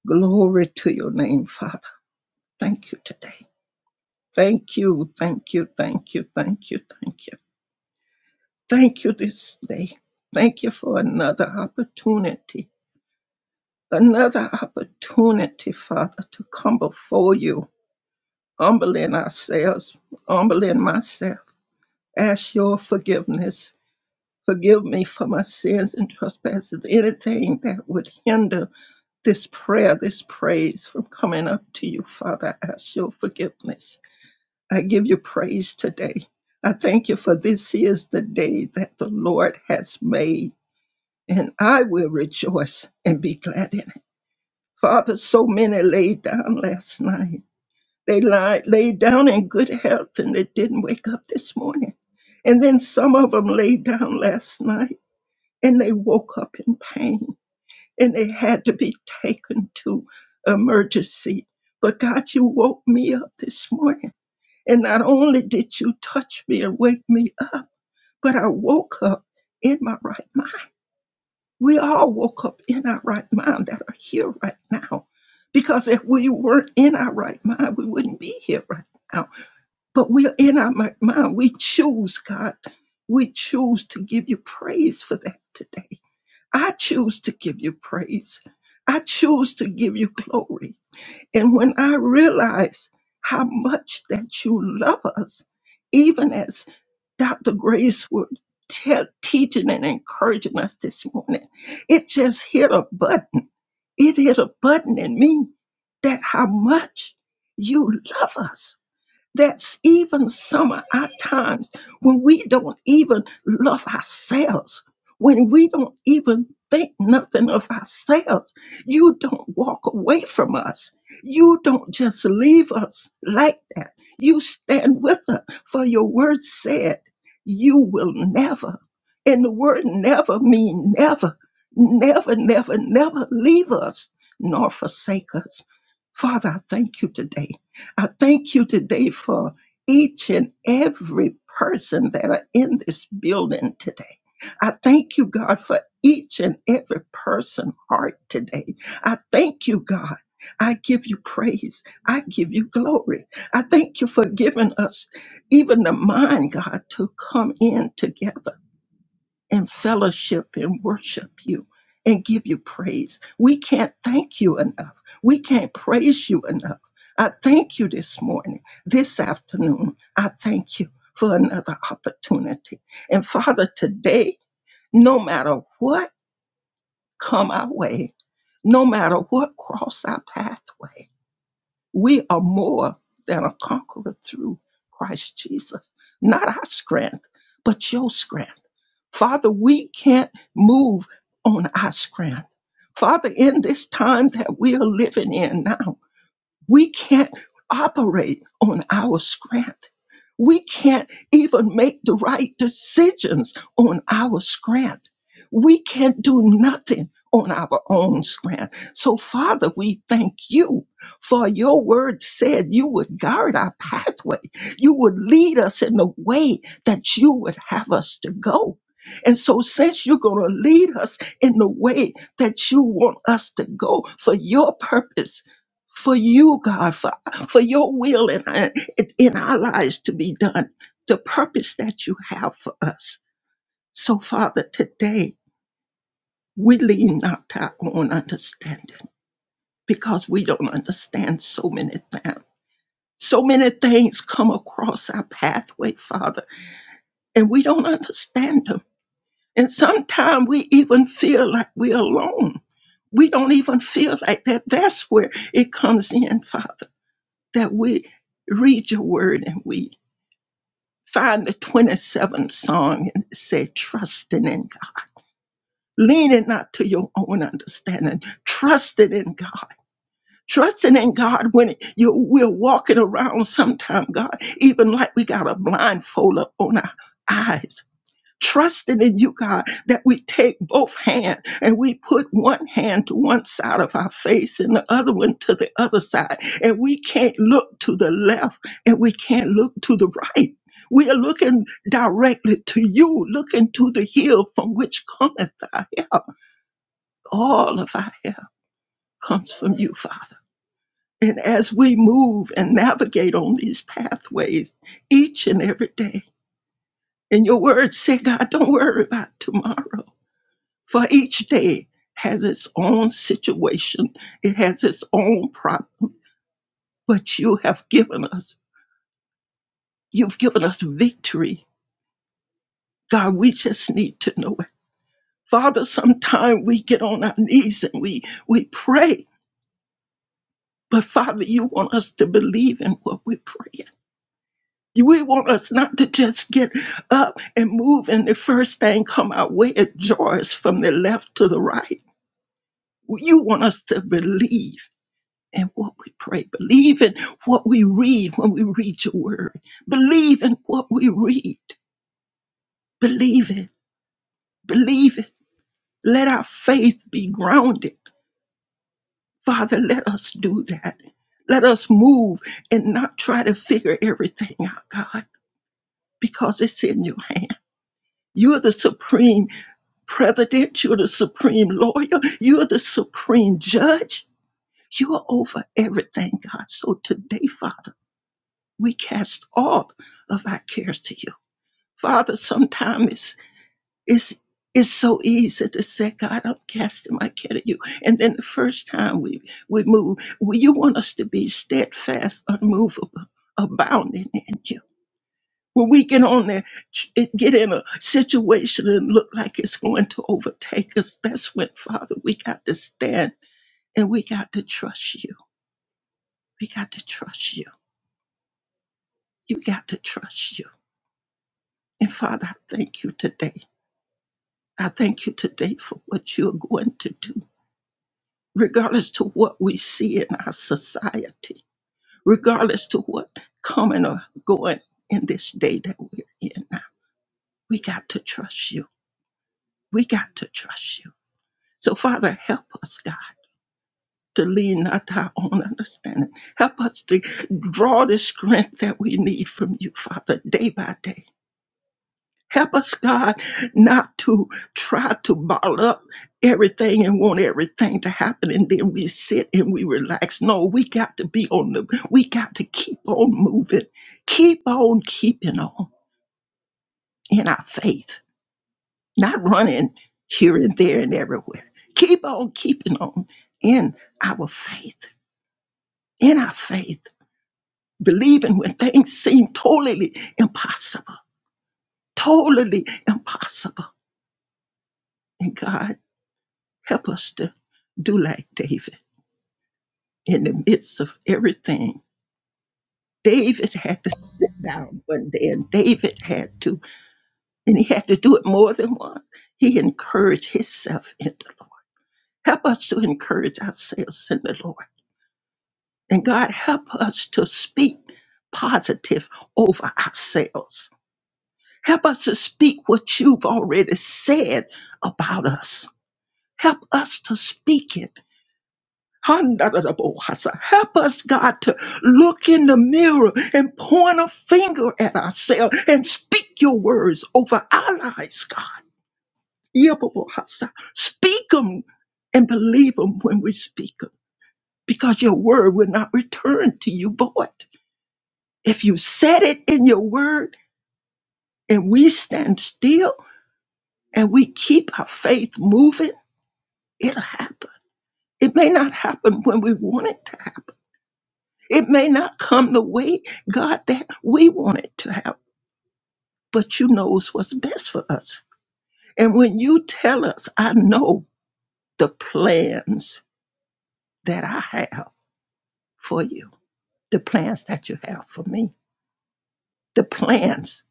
Speaker 3: Glory to your name, Father. Thank you today. Thank you, thank you, thank you, thank you, thank you. Thank you this day. Thank you for another opportunity, another opportunity, Father, to come before you, humbling ourselves, humbling myself. Ask your forgiveness. Forgive me for my sins and trespasses, anything that would hinder this prayer, this praise from coming up to you, Father. I ask your forgiveness. I give you praise today. I thank you for this is the day that the Lord has made, and I will rejoice and be glad in it. Father, so many laid down last night. They lied, laid down in good health and they didn't wake up this morning. And then some of them laid down last night and they woke up in pain and they had to be taken to emergency. But God, you woke me up this morning. And not only did you touch me and wake me up, but I woke up in my right mind. We all woke up in our right mind that are here right now. Because if we weren't in our right mind, we wouldn't be here right now. But we're in our right mind. We choose, God. We choose to give you praise for that today. I choose to give you praise. I choose to give you glory. And when I realize how much that you love us, even as Dr. Grace would tell, teaching and encouraging us this morning, it just hit a button. It hit a button in me that how much you love us that's even some of our times when we don't even love ourselves, when we don't even think nothing of ourselves. You don't walk away from us. You don't just leave us like that. You stand with us, for your word said, You will never. And the word never mean never, never, never, never leave us nor forsake us. Father, I thank you today. I thank you today for each and every person that are in this building today. I thank you, God, for each and every person heart today. I thank you, God. I give you praise. I give you glory. I thank you for giving us even the mind, God, to come in together and fellowship and worship you and give you praise. We can't thank you enough. We can't praise you enough. I thank you this morning, this afternoon. I thank you for another opportunity. And Father, today, no matter what come our way, no matter what cross our pathway, we are more than a conqueror through Christ Jesus. Not our strength, but your strength. Father, we can't move on our strength. Father, in this time that we are living in now, we can't operate on our strength. We can't even make the right decisions on our strength. We can't do nothing on our own strength. So, Father, we thank you for your word said you would guard our pathway. You would lead us in the way that you would have us to go. And so, since you're going to lead us in the way that you want us to go for your purpose, for you, God, for, for your will in, our- in our lives to be done, the purpose that you have for us. So, Father, today we lean not to our own understanding because we don't understand so many things. So many things come across our pathway, Father, and we don't understand them. And sometimes we even feel like we're alone. We don't even feel like that. That's where it comes in, Father that we read your word and we find the 27th song and say, trusting in God, leaning not to your own understanding, trusting in God. Trusting in God when you we're walking around sometime, God, even like we got a blindfold up on our eyes trusting in you, God, that we take both hands and we put one hand to one side of our face and the other one to the other side. And we can't look to the left and we can't look to the right. We are looking directly to you, looking to the hill from which cometh our help. All of our help comes from you, Father. And as we move and navigate on these pathways each and every day, and your words say, God, don't worry about tomorrow for each day has its own situation, it has its own problem. But you have given us, you've given us victory. God, we just need to know it. Father, sometimes we get on our knees and we we pray, but Father, you want us to believe in what we pray. We want us not to just get up and move, and the first thing come our way, it jars from the left to the right. You want us to believe. and what we pray. Believe in what we read when we read your word. Believe in what we read. Believe it. Believe it. Let our faith be grounded. Father, let us do that. Let us move and not try to figure everything out, God, because it's in your hand. You're the supreme president. You're the supreme lawyer. You're the supreme judge. You're over everything, God. So today, Father, we cast all of our cares to you. Father, sometimes it's, it's, it's so easy to say, God, I'm casting my care to you. And then the first time we, we move, well, you want us to be steadfast, unmovable, abounding in you. When we get on there, ch- it- get in a situation and look like it's going to overtake us, that's when, Father, we got to stand and we got to trust you. We got to trust you. You got to trust you. And Father, I thank you today I thank you today for what you are going to do, regardless to what we see in our society, regardless to what coming or going in this day that we're in now. We got to trust you. We got to trust you. So, Father, help us, God, to lean not to our own understanding. Help us to draw the strength that we need from you, Father, day by day Help us, God, not to try to bottle up everything and want everything to happen and then we sit and we relax. No, we got to be on the, we got to keep on moving, keep on keeping on in our faith, not running here and there and everywhere. Keep on keeping on in our faith, in our faith, believing when things seem totally impossible, totally impossible. And God, Help us to do like David in the midst of everything. David had to sit down one day, and David had to, and he had to do it more than once. He encouraged himself in the Lord. Help us to encourage ourselves in the Lord. And God, help us to speak positive over ourselves. Help us to speak what you've already said about us. Help us to speak it Help us, God, to look in the mirror and point a finger at ourselves and speak your words over our lives, God. Yabobohasa. Speak them and believe them when we speak them because your word will not return to you void. If you said it in your word and we stand still and we keep our faith moving, it'll happen. It may not happen when we want it to happen It may not come the way, God, that we want it to happen, but you knows what's best for us. And when you tell us, I know the plans that I have for you, the plans that you have for me, the plans,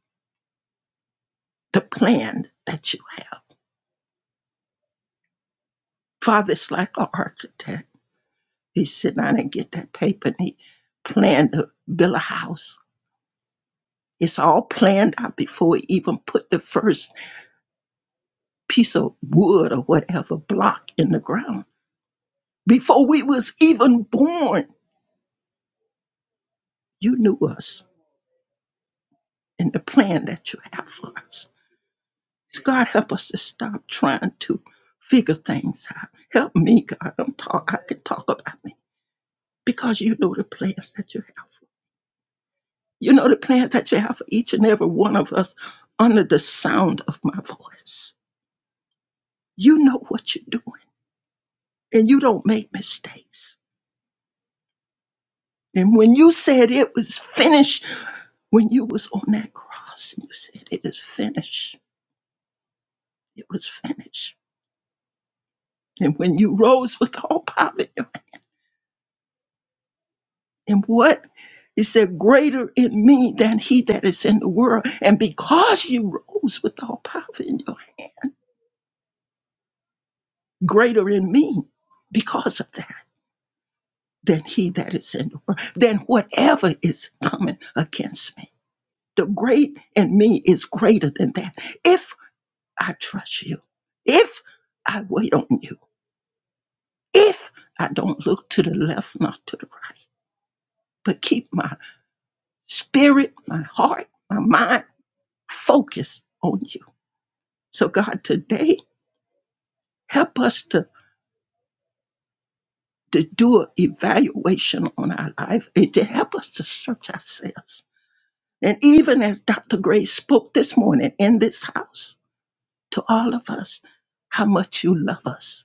Speaker 3: the plan that you have. Father's like an architect. He sit down and get that paper and he planned to build a house. It's all planned out before he even put the first piece of wood or whatever block in the ground Before we was even born, you knew us and the plan that you have for us. God help us to stop trying to figure things out. Help me, God. I'm talk I can talk about me. Because you know the plans that you have. You know the plans that you have for each and every one of us under the sound of my voice. You know what you're doing. And you don't make mistakes. And when you said it was finished, when you was on that cross and you said it is finished it was finished. And when you rose with all power in your hand, and what he said, greater in me than he that is in the world. And because you rose with all power in your hand, greater in me because of that than he that is in the world, than whatever is coming against me. The great in me is greater than that. If I trust you, if I wait on you, if I don't look to the left, not to the right, but keep my spirit, my heart, my mind focus on you. So, God, today, help us to, to do an evaluation on our life and to help us to search ourselves. And even as Dr. Gray spoke this morning in this house to all of us, how much you love us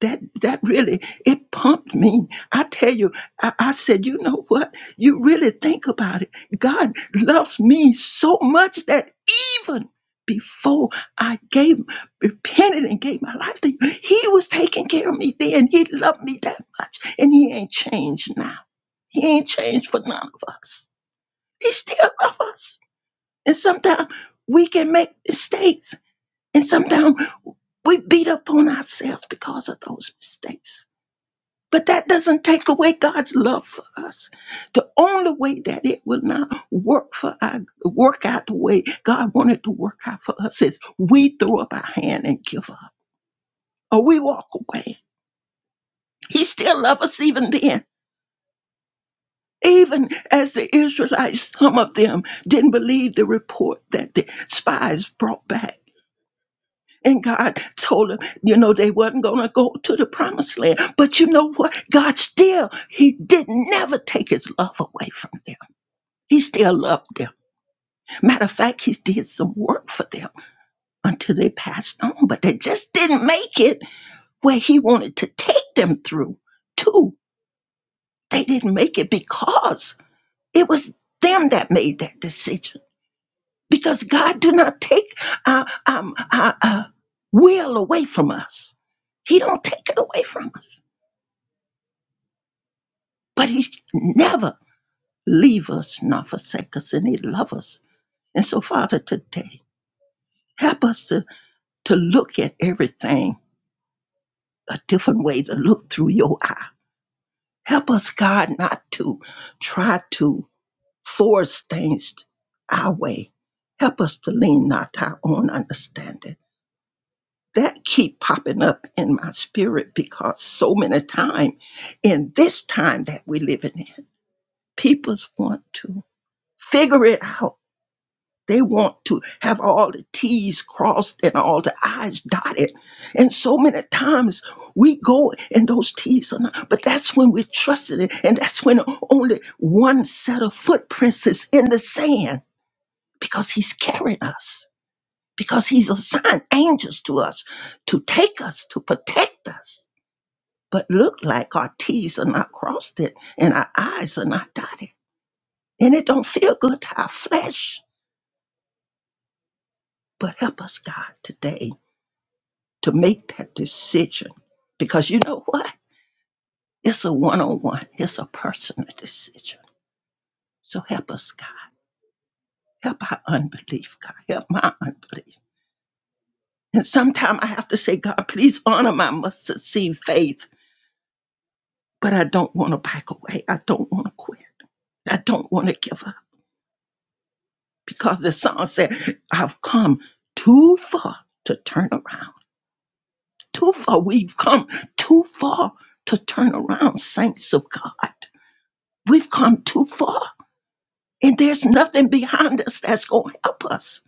Speaker 3: that that really it pumped me i tell you I, I said you know what you really think about it god loves me so much that even before i gave repented and gave my life to you he was taking care of me then he loved me that much and he ain't changed now he ain't changed for none of us he still loves us and sometimes we can make mistakes and sometimes we beat up on ourselves because of those mistakes but that doesn't take away God's love for us. The only way that it will not work for our, work out the way God wanted to work out for us is we throw up our hand and give up, or we walk away. He still loves us even then. Even as the Israelites, some of them didn't believe the report that the spies brought back. And God told them, you know, they wasn't going to go to the promised land. But you know what? God still, He did never take His love away from them. He still loved them. Matter of fact, he did some work for them until they passed on, but they just didn't make it where he wanted to take them through. Two, they didn't make it because it was them that made that decision. Because God do not take our, um, our, uh will away from us. He don't take it away from us. But he never leave us, nor forsake us, and he love us. And so, Father, today, help us to, to look at everything a different way to look through your eye. Help us, God, not to try to force things our way. Help us to lean not to our own understanding. That keep popping up in my spirit because so many times in this time that we're living in, people want to figure it out They want to have all the T's crossed and all the I's dotted. And so many times we go and those T's are not, but that's when we're trusting it. And that's when only one set of footprints is in the sand because he's carrying us, because he's assigned angels to us to take us, to protect us. But look like our T's are not crossed it and our I's are not dotted. And it don't feel good to our flesh. But help us, God, today to make that decision because you know what? It's a one on one, it's a personal decision. So help us, God. Help our unbelief, God. Help my unbelief. And sometimes I have to say, God, please honor my mustard seed faith, but I don't want to back away. I don't want to quit. I don't want to give up because the song said, I've come too far to turn around. Too far. We've come too far to turn around, saints of God. We've come too far. And there's nothing behind us that's going to help us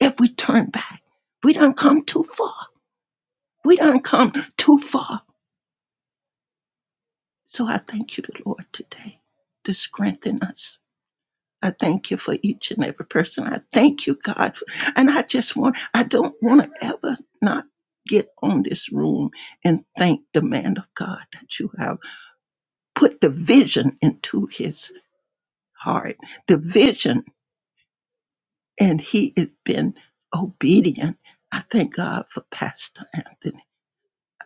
Speaker 3: if we turn back. We done come too far. We done come too far. So I thank you, Lord, today to strengthen us. I thank you for each and every person. I thank you, God. And I just want, I don't want to ever not get on this room and thank the man of God that you have put the vision into his heart, the vision and he has been obedient. I thank God for Pastor Anthony.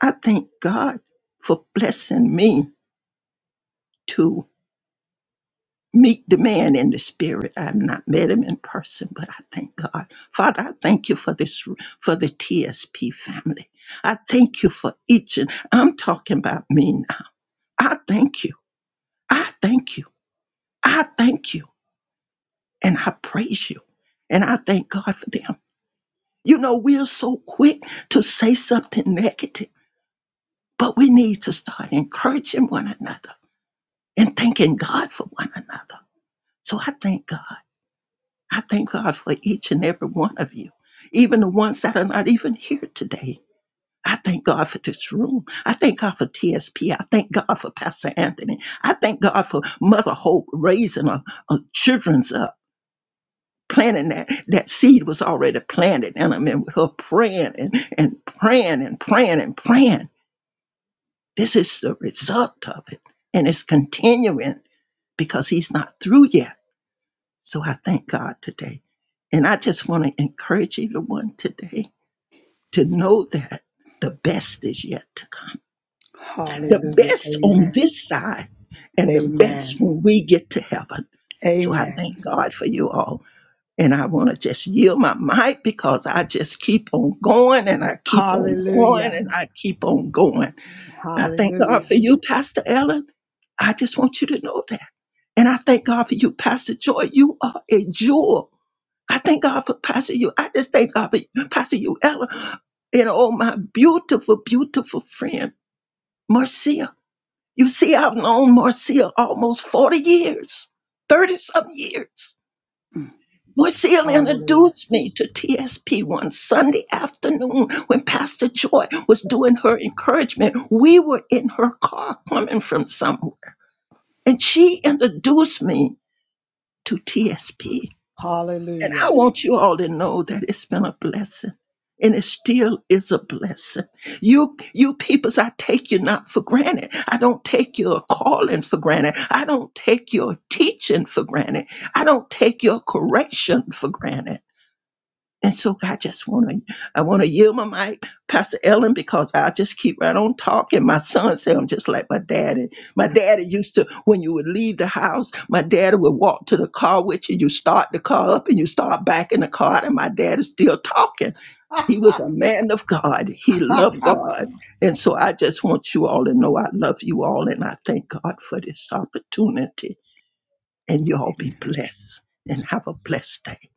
Speaker 3: I thank God for blessing me to meet the man in the spirit. I've not met him in person, but I thank God. Father, I thank you for this for the TSP family. I thank you for each and I'm talking about me now. I thank you. I thank you. I thank you. And I praise you. And I thank God for them. You know, we're so quick to say something negative But we need to start encouraging one another and thanking God for one another. So I thank God. I thank God for each and every one of you, even the ones that are not even here today. I thank God for this room. I thank God for TSP. I thank God for Pastor Anthony. I thank God for Mother Hope raising her, her children's up. Planting that that seed was already planted, in them, and I mean, with her praying and, and praying and praying and praying. This is the result of it. And it's continuing because he's not through yet. So I thank God today. And I just want to encourage everyone today to know that the best is yet to come. The
Speaker 1: Hallelujah.
Speaker 3: best on
Speaker 1: Amen.
Speaker 3: this side and the best
Speaker 1: Amen.
Speaker 3: when we get to heaven. So I
Speaker 1: Amen.
Speaker 3: thank God for you all. And I want to just yield my mic because I just keep on going and I keep on going
Speaker 1: Hallelujah.
Speaker 3: and I keep on going. I thank God
Speaker 1: Hallelujah.
Speaker 3: for you, Pastor Ellen. I just want you to know that. And I thank God for you, Pastor Joy. You are a jewel. I thank God for Pastor you. I just thank God for Pastor you, Ella, and oh my beautiful, beautiful friend, Marcia. You see, I've known Marcia almost 40 years, 30 some years. Marcia
Speaker 1: Hallelujah.
Speaker 3: introduced me to TSP one Sunday afternoon when Pastor Joy was doing her encouragement. We were in her car coming from somewhere, and she introduced me to TSP. And I
Speaker 1: Hallelujah.
Speaker 3: want you all to know that it's been a blessing. And it still is a blessing. You you peoples, I take you not for granted. I don't take your calling for granted. I don't take your teaching for granted. I don't take your correction for granted. And so I just want to, I want to yield my mic, Pastor Ellen, because I just keep right on talking. My son said I'm just like my daddy. My daddy used to, when you would leave the house, my daddy would walk to the car with you. You start the car up and you start back in the car, and my dad is still talking. He was a man of God. He loved God. And so I just want you all to know I love you all and I thank God for this opportunity. And you all be blessed and have a blessed day.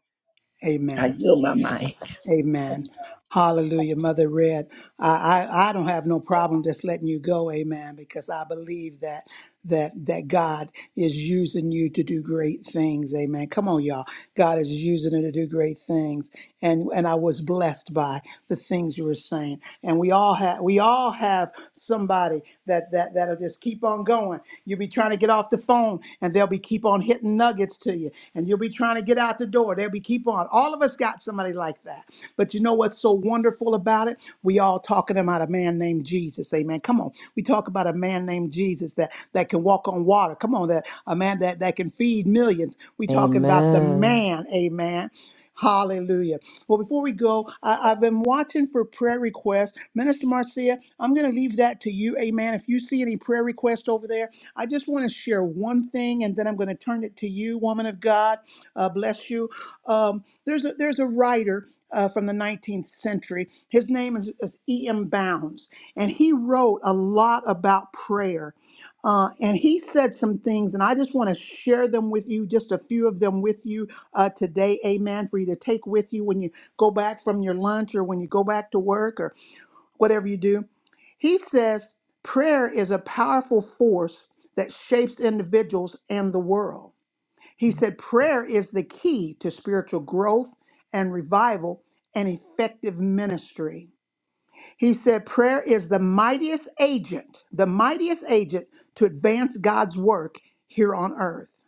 Speaker 3: I
Speaker 1: Amen.
Speaker 3: yield my mic.
Speaker 1: Amen. Hallelujah, Mother Red. I, I, I don't have no problem just letting you go, Amen, because I believe that that that God is using you to do great things, Amen. Come on, y'all. God is using her to do great things. And and I was blessed by the things you were saying. And we all have we all have somebody that that that'll just keep on going. You'll be trying to get off the phone and they'll be keep on hitting nuggets to you. And you'll be trying to get out the door. They'll be keep on. All of us got somebody like that. But you know what's so wonderful about it? We all talking about a man named Jesus. Amen. Come on. We talk about a man named Jesus that that can walk on water. Come on, that a man that amen, that, that can feed millions. we talking about the
Speaker 6: Amen.
Speaker 1: man, amen. Hallelujah. Well, before we go, I, I've been watching for prayer requests. Minister Marcia, I'm going to leave that to you. Amen. If you see any prayer requests over there, I just want to share one thing and then I'm going to turn it to you, woman of God. Uh, bless you. Um, there's, a, there's a writer uh, from the 19th century. His name is, is E.M. Bounds, and he wrote a lot about prayer. Uh, and he said some things, and I just want to share them with you, just a few of them with you uh, today, amen, for you to take with you when you go back from your lunch or when you go back to work or whatever you do. He says, Prayer is a powerful force that shapes individuals and the world. He said, Prayer is the key to spiritual growth and revival and effective ministry. He said, Prayer is the mightiest agent, the mightiest agent to advance God's work here on earth.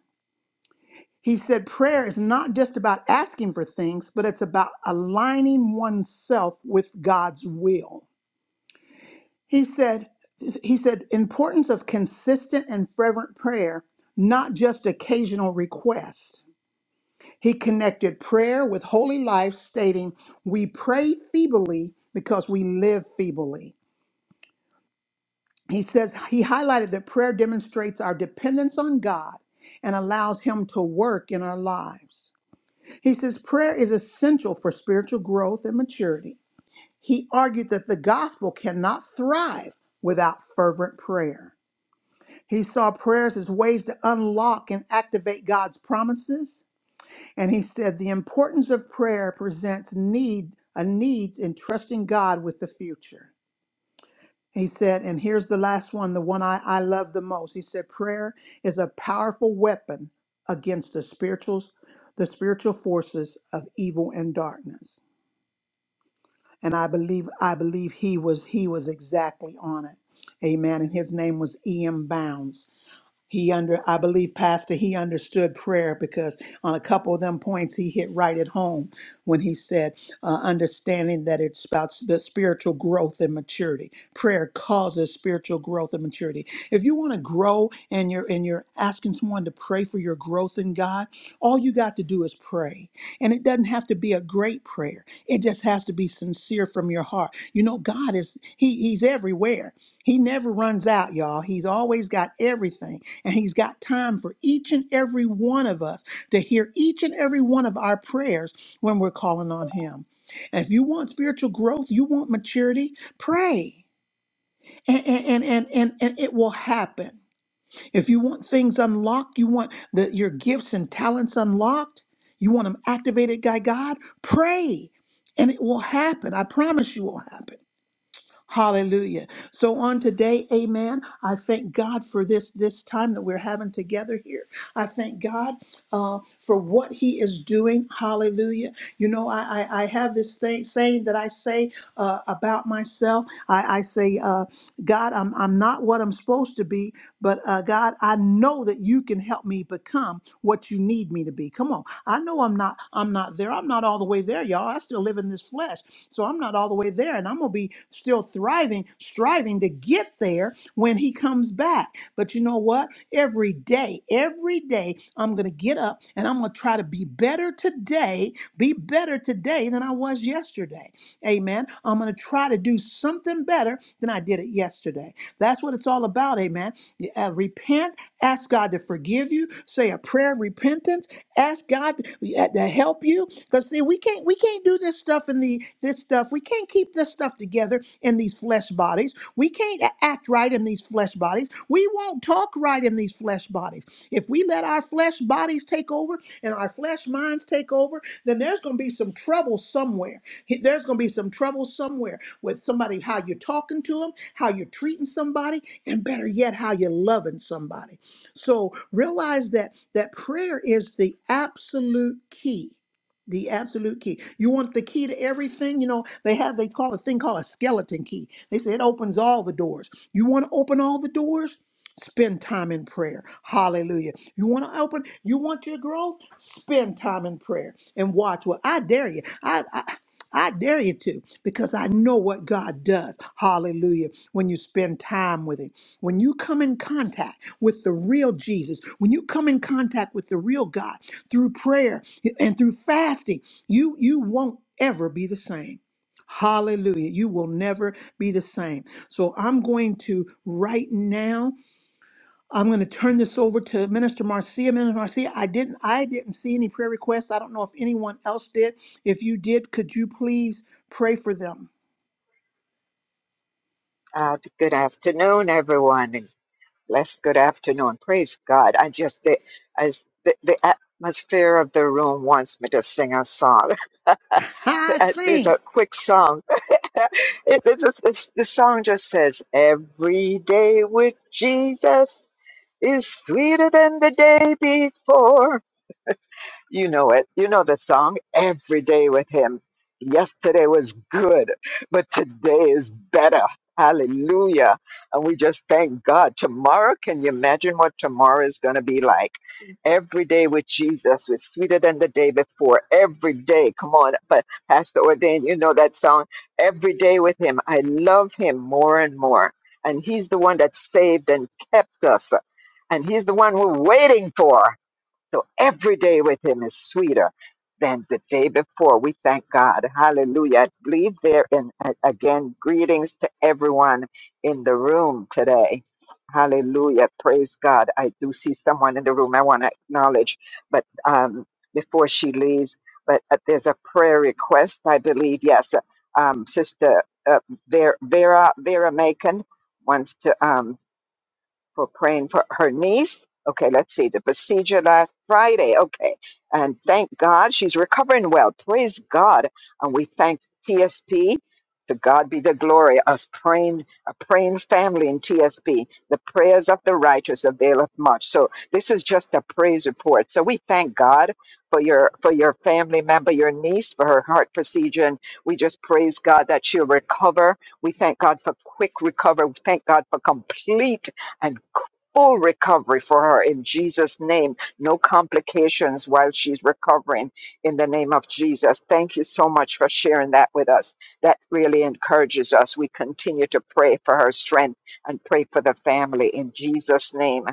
Speaker 1: He said, Prayer is not just about asking for things, but it's about aligning oneself with God's will. He said, he said importance of consistent and fervent prayer not just occasional requests he connected prayer with holy life stating we pray feebly because we live feebly he says he highlighted that prayer demonstrates our dependence on God and allows him to work in our lives. He says prayer is essential for spiritual growth and maturity. He argued that the gospel cannot thrive without fervent prayer. He saw prayers as ways to unlock and activate God's promises, and he said the importance of prayer presents need a need in trusting God with the future. He said, and here's the last one, the one I, I love the most. He said, prayer is a powerful weapon against the spirituals, the spiritual forces of evil and darkness. And I believe, I believe he was he was exactly on it. Amen. And his name was E.M. Bounds. He under, I believe, Pastor, he understood prayer because on a couple of them points he hit right at home when he said, uh, understanding that it's about sp- spiritual growth and maturity. Prayer causes spiritual growth and maturity. If you want to grow and you're and you're asking someone to pray for your growth in God, all you got to do is pray, and it doesn't have to be a great prayer. It just has to be sincere from your heart. You know, God is he he's everywhere. He never runs out, y'all. He's always got everything. And he's got time for each and every one of us to hear each and every one of our prayers when we're calling on him. And if you want spiritual growth, you want maturity, pray. And, and, and, and, and it will happen. If you want things unlocked, you want the, your gifts and talents unlocked, you want them activated by God, pray. And it will happen. I promise you it will happen. Hallelujah. So on today, amen, I thank God for this this time that we're having together here. I thank God uh, for what he is doing. Hallelujah. You know, I, I, I have this thing saying that I say uh, about myself. I, I say, uh, God, I'm, I'm not what I'm supposed to be, but uh, God, I know that you can help me become what you need me to be. Come on. I know I'm not I'm not there. I'm not all the way there, y'all. I still live in this flesh. So I'm not all the way there and I'm going to be still thriving, striving to get there when he comes back. But you know what? Every day, every day, I'm going to get up and I'm going to try to be better today, be better today than I was yesterday. Amen. I'm going to try to do something better than I did it yesterday. That's what it's all about. Amen. Uh, repent, ask God to forgive you, say a prayer of repentance, ask God to to help you, because see, we can't we can't do this stuff in the this stuff. We can't keep this stuff together in these flesh bodies. We can't a- act right in these flesh bodies. We won't talk right in these flesh bodies. If we let our flesh bodies take over and our flesh minds take over, then there's going to be some trouble somewhere. He- There's going to be some trouble somewhere with somebody how you're talking to them, how you're treating somebody, and better yet, how you're loving somebody. So realize that that prayer is the absolute key the absolute key. You want the key to everything? You know, they have, they call a thing called a skeleton key. They say it opens all the doors. You want to open all the doors? Spend time in prayer. Hallelujah. You want to open, you want your growth? Spend time in prayer and watch what I dare you. I, I I dare you to because I know what God does. Hallelujah. When you spend time with Him, when you come in contact with the real Jesus, when you come in contact with the real God through prayer and through fasting, you, you won't ever be the same. Hallelujah. You will never be the same. So I'm going to right now. I'm going to turn this over to Minister Marcia. Minister Marcia, I didn't, I didn't see any prayer requests. I don't know if anyone else did. If you did, could you please pray for them?
Speaker 5: Uh, good afternoon, everyone, and blessed good afternoon. Praise God. I just, the, as the, the atmosphere of the room wants me to sing a song.
Speaker 1: I
Speaker 5: Uh, There's
Speaker 1: sing.
Speaker 5: a quick song. it, it's, it's- the song just says, Every day with Jesus is sweeter than the day before. You know it. You know the song every day with him. Yesterday was good, but today is better. Hallelujah. And we just thank God. Tomorrow, can you imagine what tomorrow is going to be like? Every day with Jesus is sweeter than the day before. Every day. Come on. But Pastor Ordain, you know that song. Every day with him. I love him more and more. And he's the one that saved and kept us. And he's the one we're waiting for. So every day with Him is sweeter than the day before. We thank God. Hallelujah. I believe there in again greetings to everyone in the room today. Hallelujah. Praise God. I do see someone in the room I want to acknowledge, but um, before she leaves, but uh, there's a prayer request, I believe. Yes. uh, Um, Sister uh, Vera, Vera, Vera Macon wants to. Um, for praying for her niece. Okay, let's see, the procedure last Friday. Okay, and thank God she's recovering well. Praise God. And we thank TSP. To God be the glory, us praying, a praying family in TSP. The prayers of the righteous availeth much. So this is just a praise report. So we thank God for your for your family member, your niece, for her heart procedure. And we just praise God that she'll recover. We thank God for quick recovery. We thank God for complete and full recovery for her in Jesus' name. No complications while she's recovering in the name of Jesus. Thank you so much for sharing that with us. That really encourages us. We continue to pray for her strength and pray for the family in Jesus' name.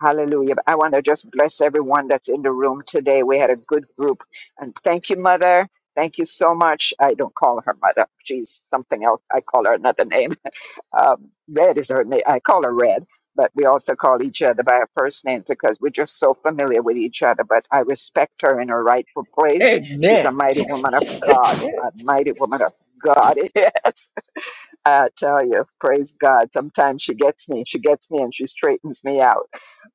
Speaker 5: Hallelujah. I want to just bless everyone that's in the room today. We had a good group. And thank you, Mother. Thank you so much. I don't call her Mother. She's something else. I call her another name. Um, Red is her name. I call her Red, but we also call each other by our first names because we're just so familiar with each other. But I respect her in her rightful place. She's
Speaker 3: Amen.
Speaker 5: a mighty woman of God, a mighty woman of God. Yes. I tell you, praise God. Sometimes she gets me, she gets me, and she straightens me out.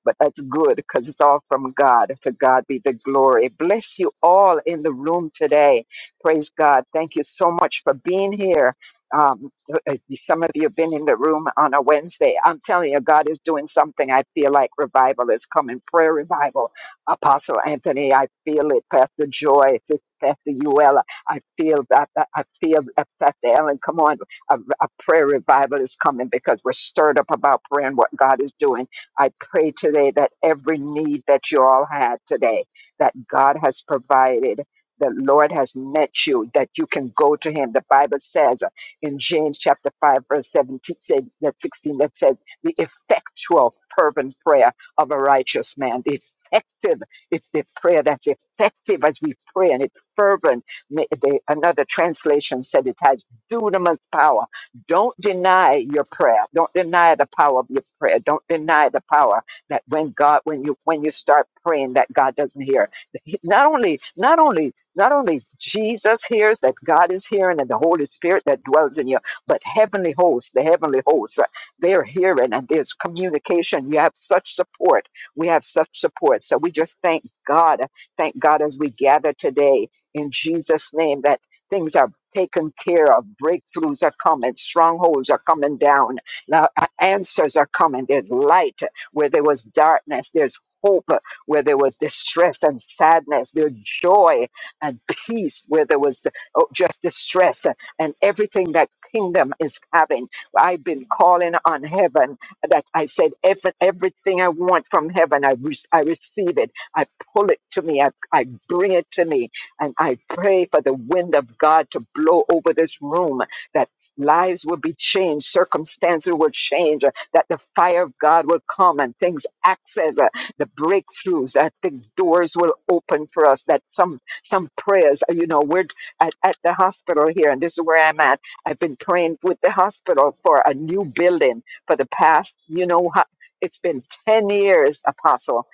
Speaker 5: But that's good because it's all from God. To God be the glory. Bless you all in the room today. Praise God. Thank you so much for being here. Um, uh, some of you have been in the room on a Wednesday. I'm telling you, God is doing something. I feel like revival is coming. Prayer revival. Apostle Anthony, I feel it. Pastor Joy, Pastor Uella, I feel that. that- I feel that. Pastor Ellen, come on. A, a prayer revival is coming because we're stirred up about prayer and what God is doing. I pray today that every need that you all had today, that God has provided. The Lord has met you, that you can go to Him. The Bible says in James chapter 5, verse 17, said- that 16, that says, the effectual, fervent prayer of a righteous man, the effective it's the prayer that's effective as we pray and it's fervent. May- the- another translation said it has dunamis power. Don't deny your prayer. Don't deny the power of your prayer. Don't deny the power that when God, when you when you start praying, that God doesn't hear. He- Not only, not only, not only Jesus hears that God is hearing and the Holy Spirit that dwells in you, but heavenly hosts, the heavenly hosts, uh, they're hearing and there's communication. You have such support. We have such support. So we just thank God. Thank God as we gather today in Jesus' name that things are taken care of. Breakthroughs are coming. Strongholds are coming down. Now, uh, answers are coming. There's light where there was darkness. There's hope uh, where there was distress and sadness. There's joy and peace where there was uh, oh, just distress uh, and everything that kingdom is having. I've been calling on heaven that I said, "Ev- everything I want from heaven, I, re- I receive it. I pull it to me. I, I bring it to me. And I pray for the wind of God to blow over this room, that lives will be changed, circumstances will change, uh, that the fire of God will come and things access uh, the breakthroughs, that the doors will open for us, that some some prayers, uh, you know, we're at, at the hospital here, and this is where I'm at. I've been praying with the hospital for a new building for the past, you know, ho- it's been 10 years, Apostle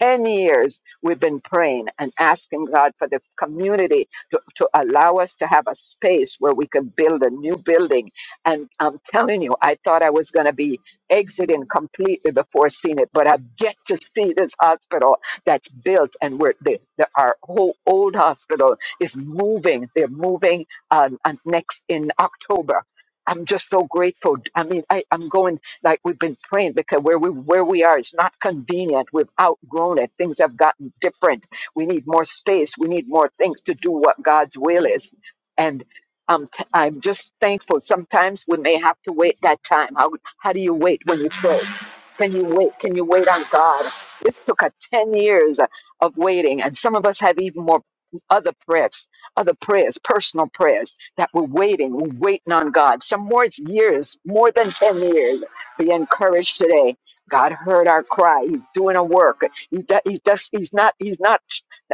Speaker 5: 10 years we've been praying and asking God for the community to, to allow us to have a space where we can build a new building. And I'm telling you, I thought I was going to be exiting completely before seeing it, but i get to see this hospital that's built and where the, the, our whole old hospital is moving. They're moving um, and next in October. I'm just so grateful. I mean, I, I'm going like we've been praying because where we where we are it's not convenient we've outgrown it things have gotten different we need more space we need more things to do what god's will is and um, t- I'm just thankful. Sometimes we may have to wait that time. How, how do you wait when you pray? Can you wait? Can you wait on God? This took a 10 years of waiting, and some of us have even more other prayers, other prayers, personal prayers that we're waiting, we're waiting on God. Some more it's years, more than 10 years be encouraged today. God heard our cry. He's doing a work. He do- He's, does, he's not, he's not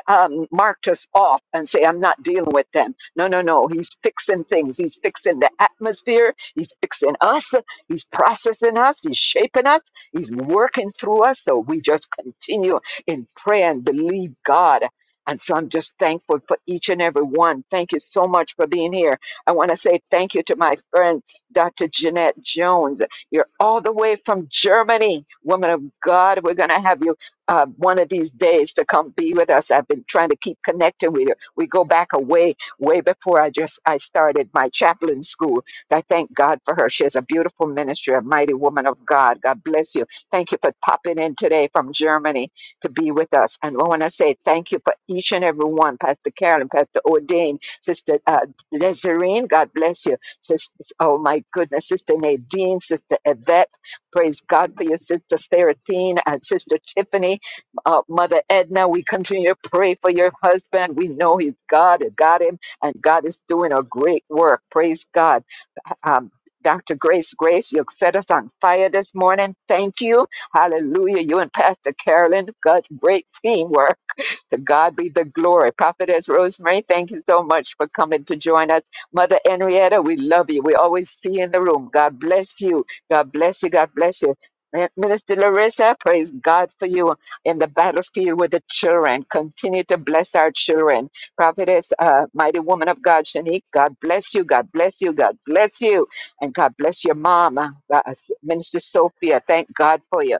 Speaker 5: um, marked us off and say, I'm not dealing with them. No, no, no. He's fixing things. He's fixing the atmosphere. He's fixing us. He's processing us. He's shaping us. He's working through us. So we just continue in prayer and believe God. And so I'm just thankful for each and every one. Thank you so much for being here. I want to say thank you to my friend, Dr. Jeanette Jones. You're all the way from Germany, woman of God. We're going to have you uh, one of these days to come be with us. I've been trying to keep connected with you. We go back a way, way before I just I started my chaplain school. I thank God for her. She has a beautiful ministry, a mighty woman of God. God bless you. Thank you for popping in today from Germany to be with us. And I want to say thank you for each and every one, Pastor Carolyn, Pastor Ordain, Sister uh, Desireen. God bless you. Sis- oh my goodness, Sister Nadine, Sister Yvette, praise God for your sister Seraphine and Sister Tiffany, uh, Mother Edna. We continue to pray for your husband. We know he's God, and got him, and God is doing a great work. Praise God. Um, Dr. Grace Grace, you set us on fire this morning. Thank you. Hallelujah. You and Pastor Carolyn, God, great teamwork. To God be the glory. Prophetess Rosemary, thank you so much for coming to join us. Mother Henrietta, we love you. We always see you in the room. God bless you. God bless you. God bless you. Min- Minister Larissa, praise God for you in the battlefield with the children. Continue to bless our children. Prophetess, uh, mighty woman of God, Shanique, God bless you. God bless you. God bless you. And God bless your mama, uh, Minister Sophia. Thank God for you.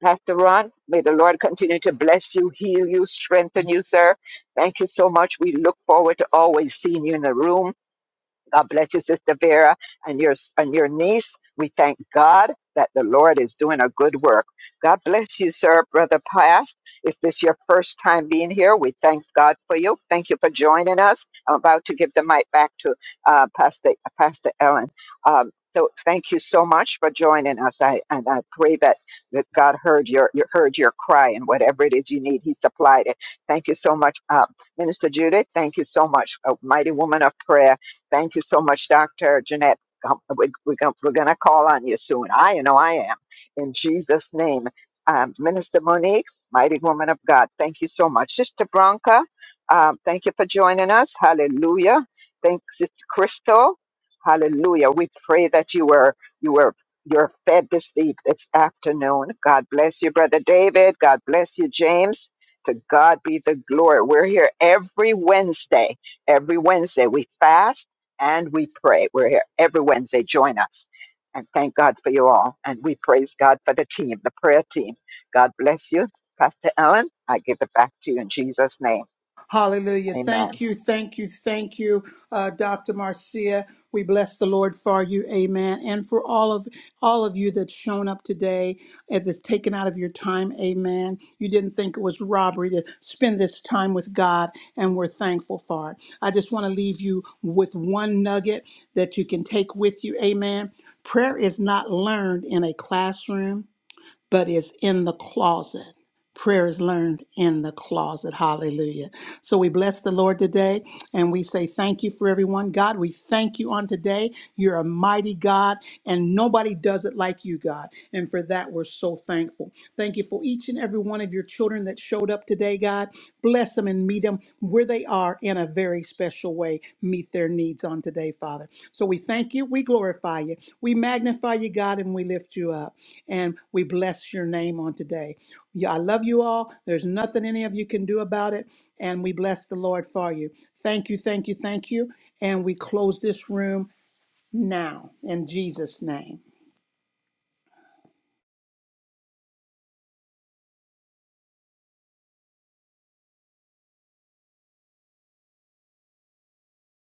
Speaker 5: Pastor Ron, may the Lord continue to bless you, heal you, strengthen you, sir. Thank you so much. We look forward to always seeing you in the room. God bless you, Sister Vera, and your and your niece. We thank God that the Lord is doing a good work. God bless you, sir, brother Past. If this is your first time being here, we thank God for you. Thank you for joining us. I'm about to give the mic back to uh, Pastor Pastor Ellen. Um, so thank you so much for joining us. I and I pray that, that God heard your, your heard your cry and whatever it is you need, He supplied it. Thank you so much, uh, Minister Judith. Thank you so much, a mighty woman of prayer Thank you so much, Dr. Jeanette. Um, we- We're going we're gonna call on you soon. I know I am. In Jesus' name. Um, Minister Monique, mighty woman of God, thank you so much. Sister Bronca, um, thank you for joining us. Hallelujah. Thanks, Sister Crystal. Hallelujah. We pray that you were you were you're fed this eve this afternoon. God bless you, Brother David. God bless you, James. To God be the glory. We're here every Wednesday every Wednesday. We fast and we pray. We're here every Wednesday. Join us. And thank God for you all. And we praise God for the team, the prayer team. God bless you. Pastor Ellen, I give it back to you in Jesus' name.
Speaker 1: Hallelujah.
Speaker 5: Amen.
Speaker 1: Thank you, thank you, thank you, uh, Dr. Marcia. We bless the Lord for you, Amen, and for all of all of you that's shown up today. If it's taken out of your time, Amen. You didn't think it was robbery to spend this time with God, and we're thankful for it. I just want to leave you with one nugget that you can take with you, Amen. Prayer is not learned in a classroom, but is in the closet. Prayer is learned in the closet. Hallelujah. So we bless the Lord today and we say thank you for everyone. God, we thank you on today. You're a mighty God and nobody does it like you, God. And for that, we're so thankful. Thank you for each and every one of your children that showed up today, God. Bless them and meet them where they are in a very special way. Meet their needs on today, Father. So we thank you. We glorify you. We magnify you, God, and we lift you up. And we bless your name on today. Yeah, I love you all. There's nothing any of you can do about it. And we bless the Lord for you. Thank you, thank you, thank you. And we close this room now in Jesus' name.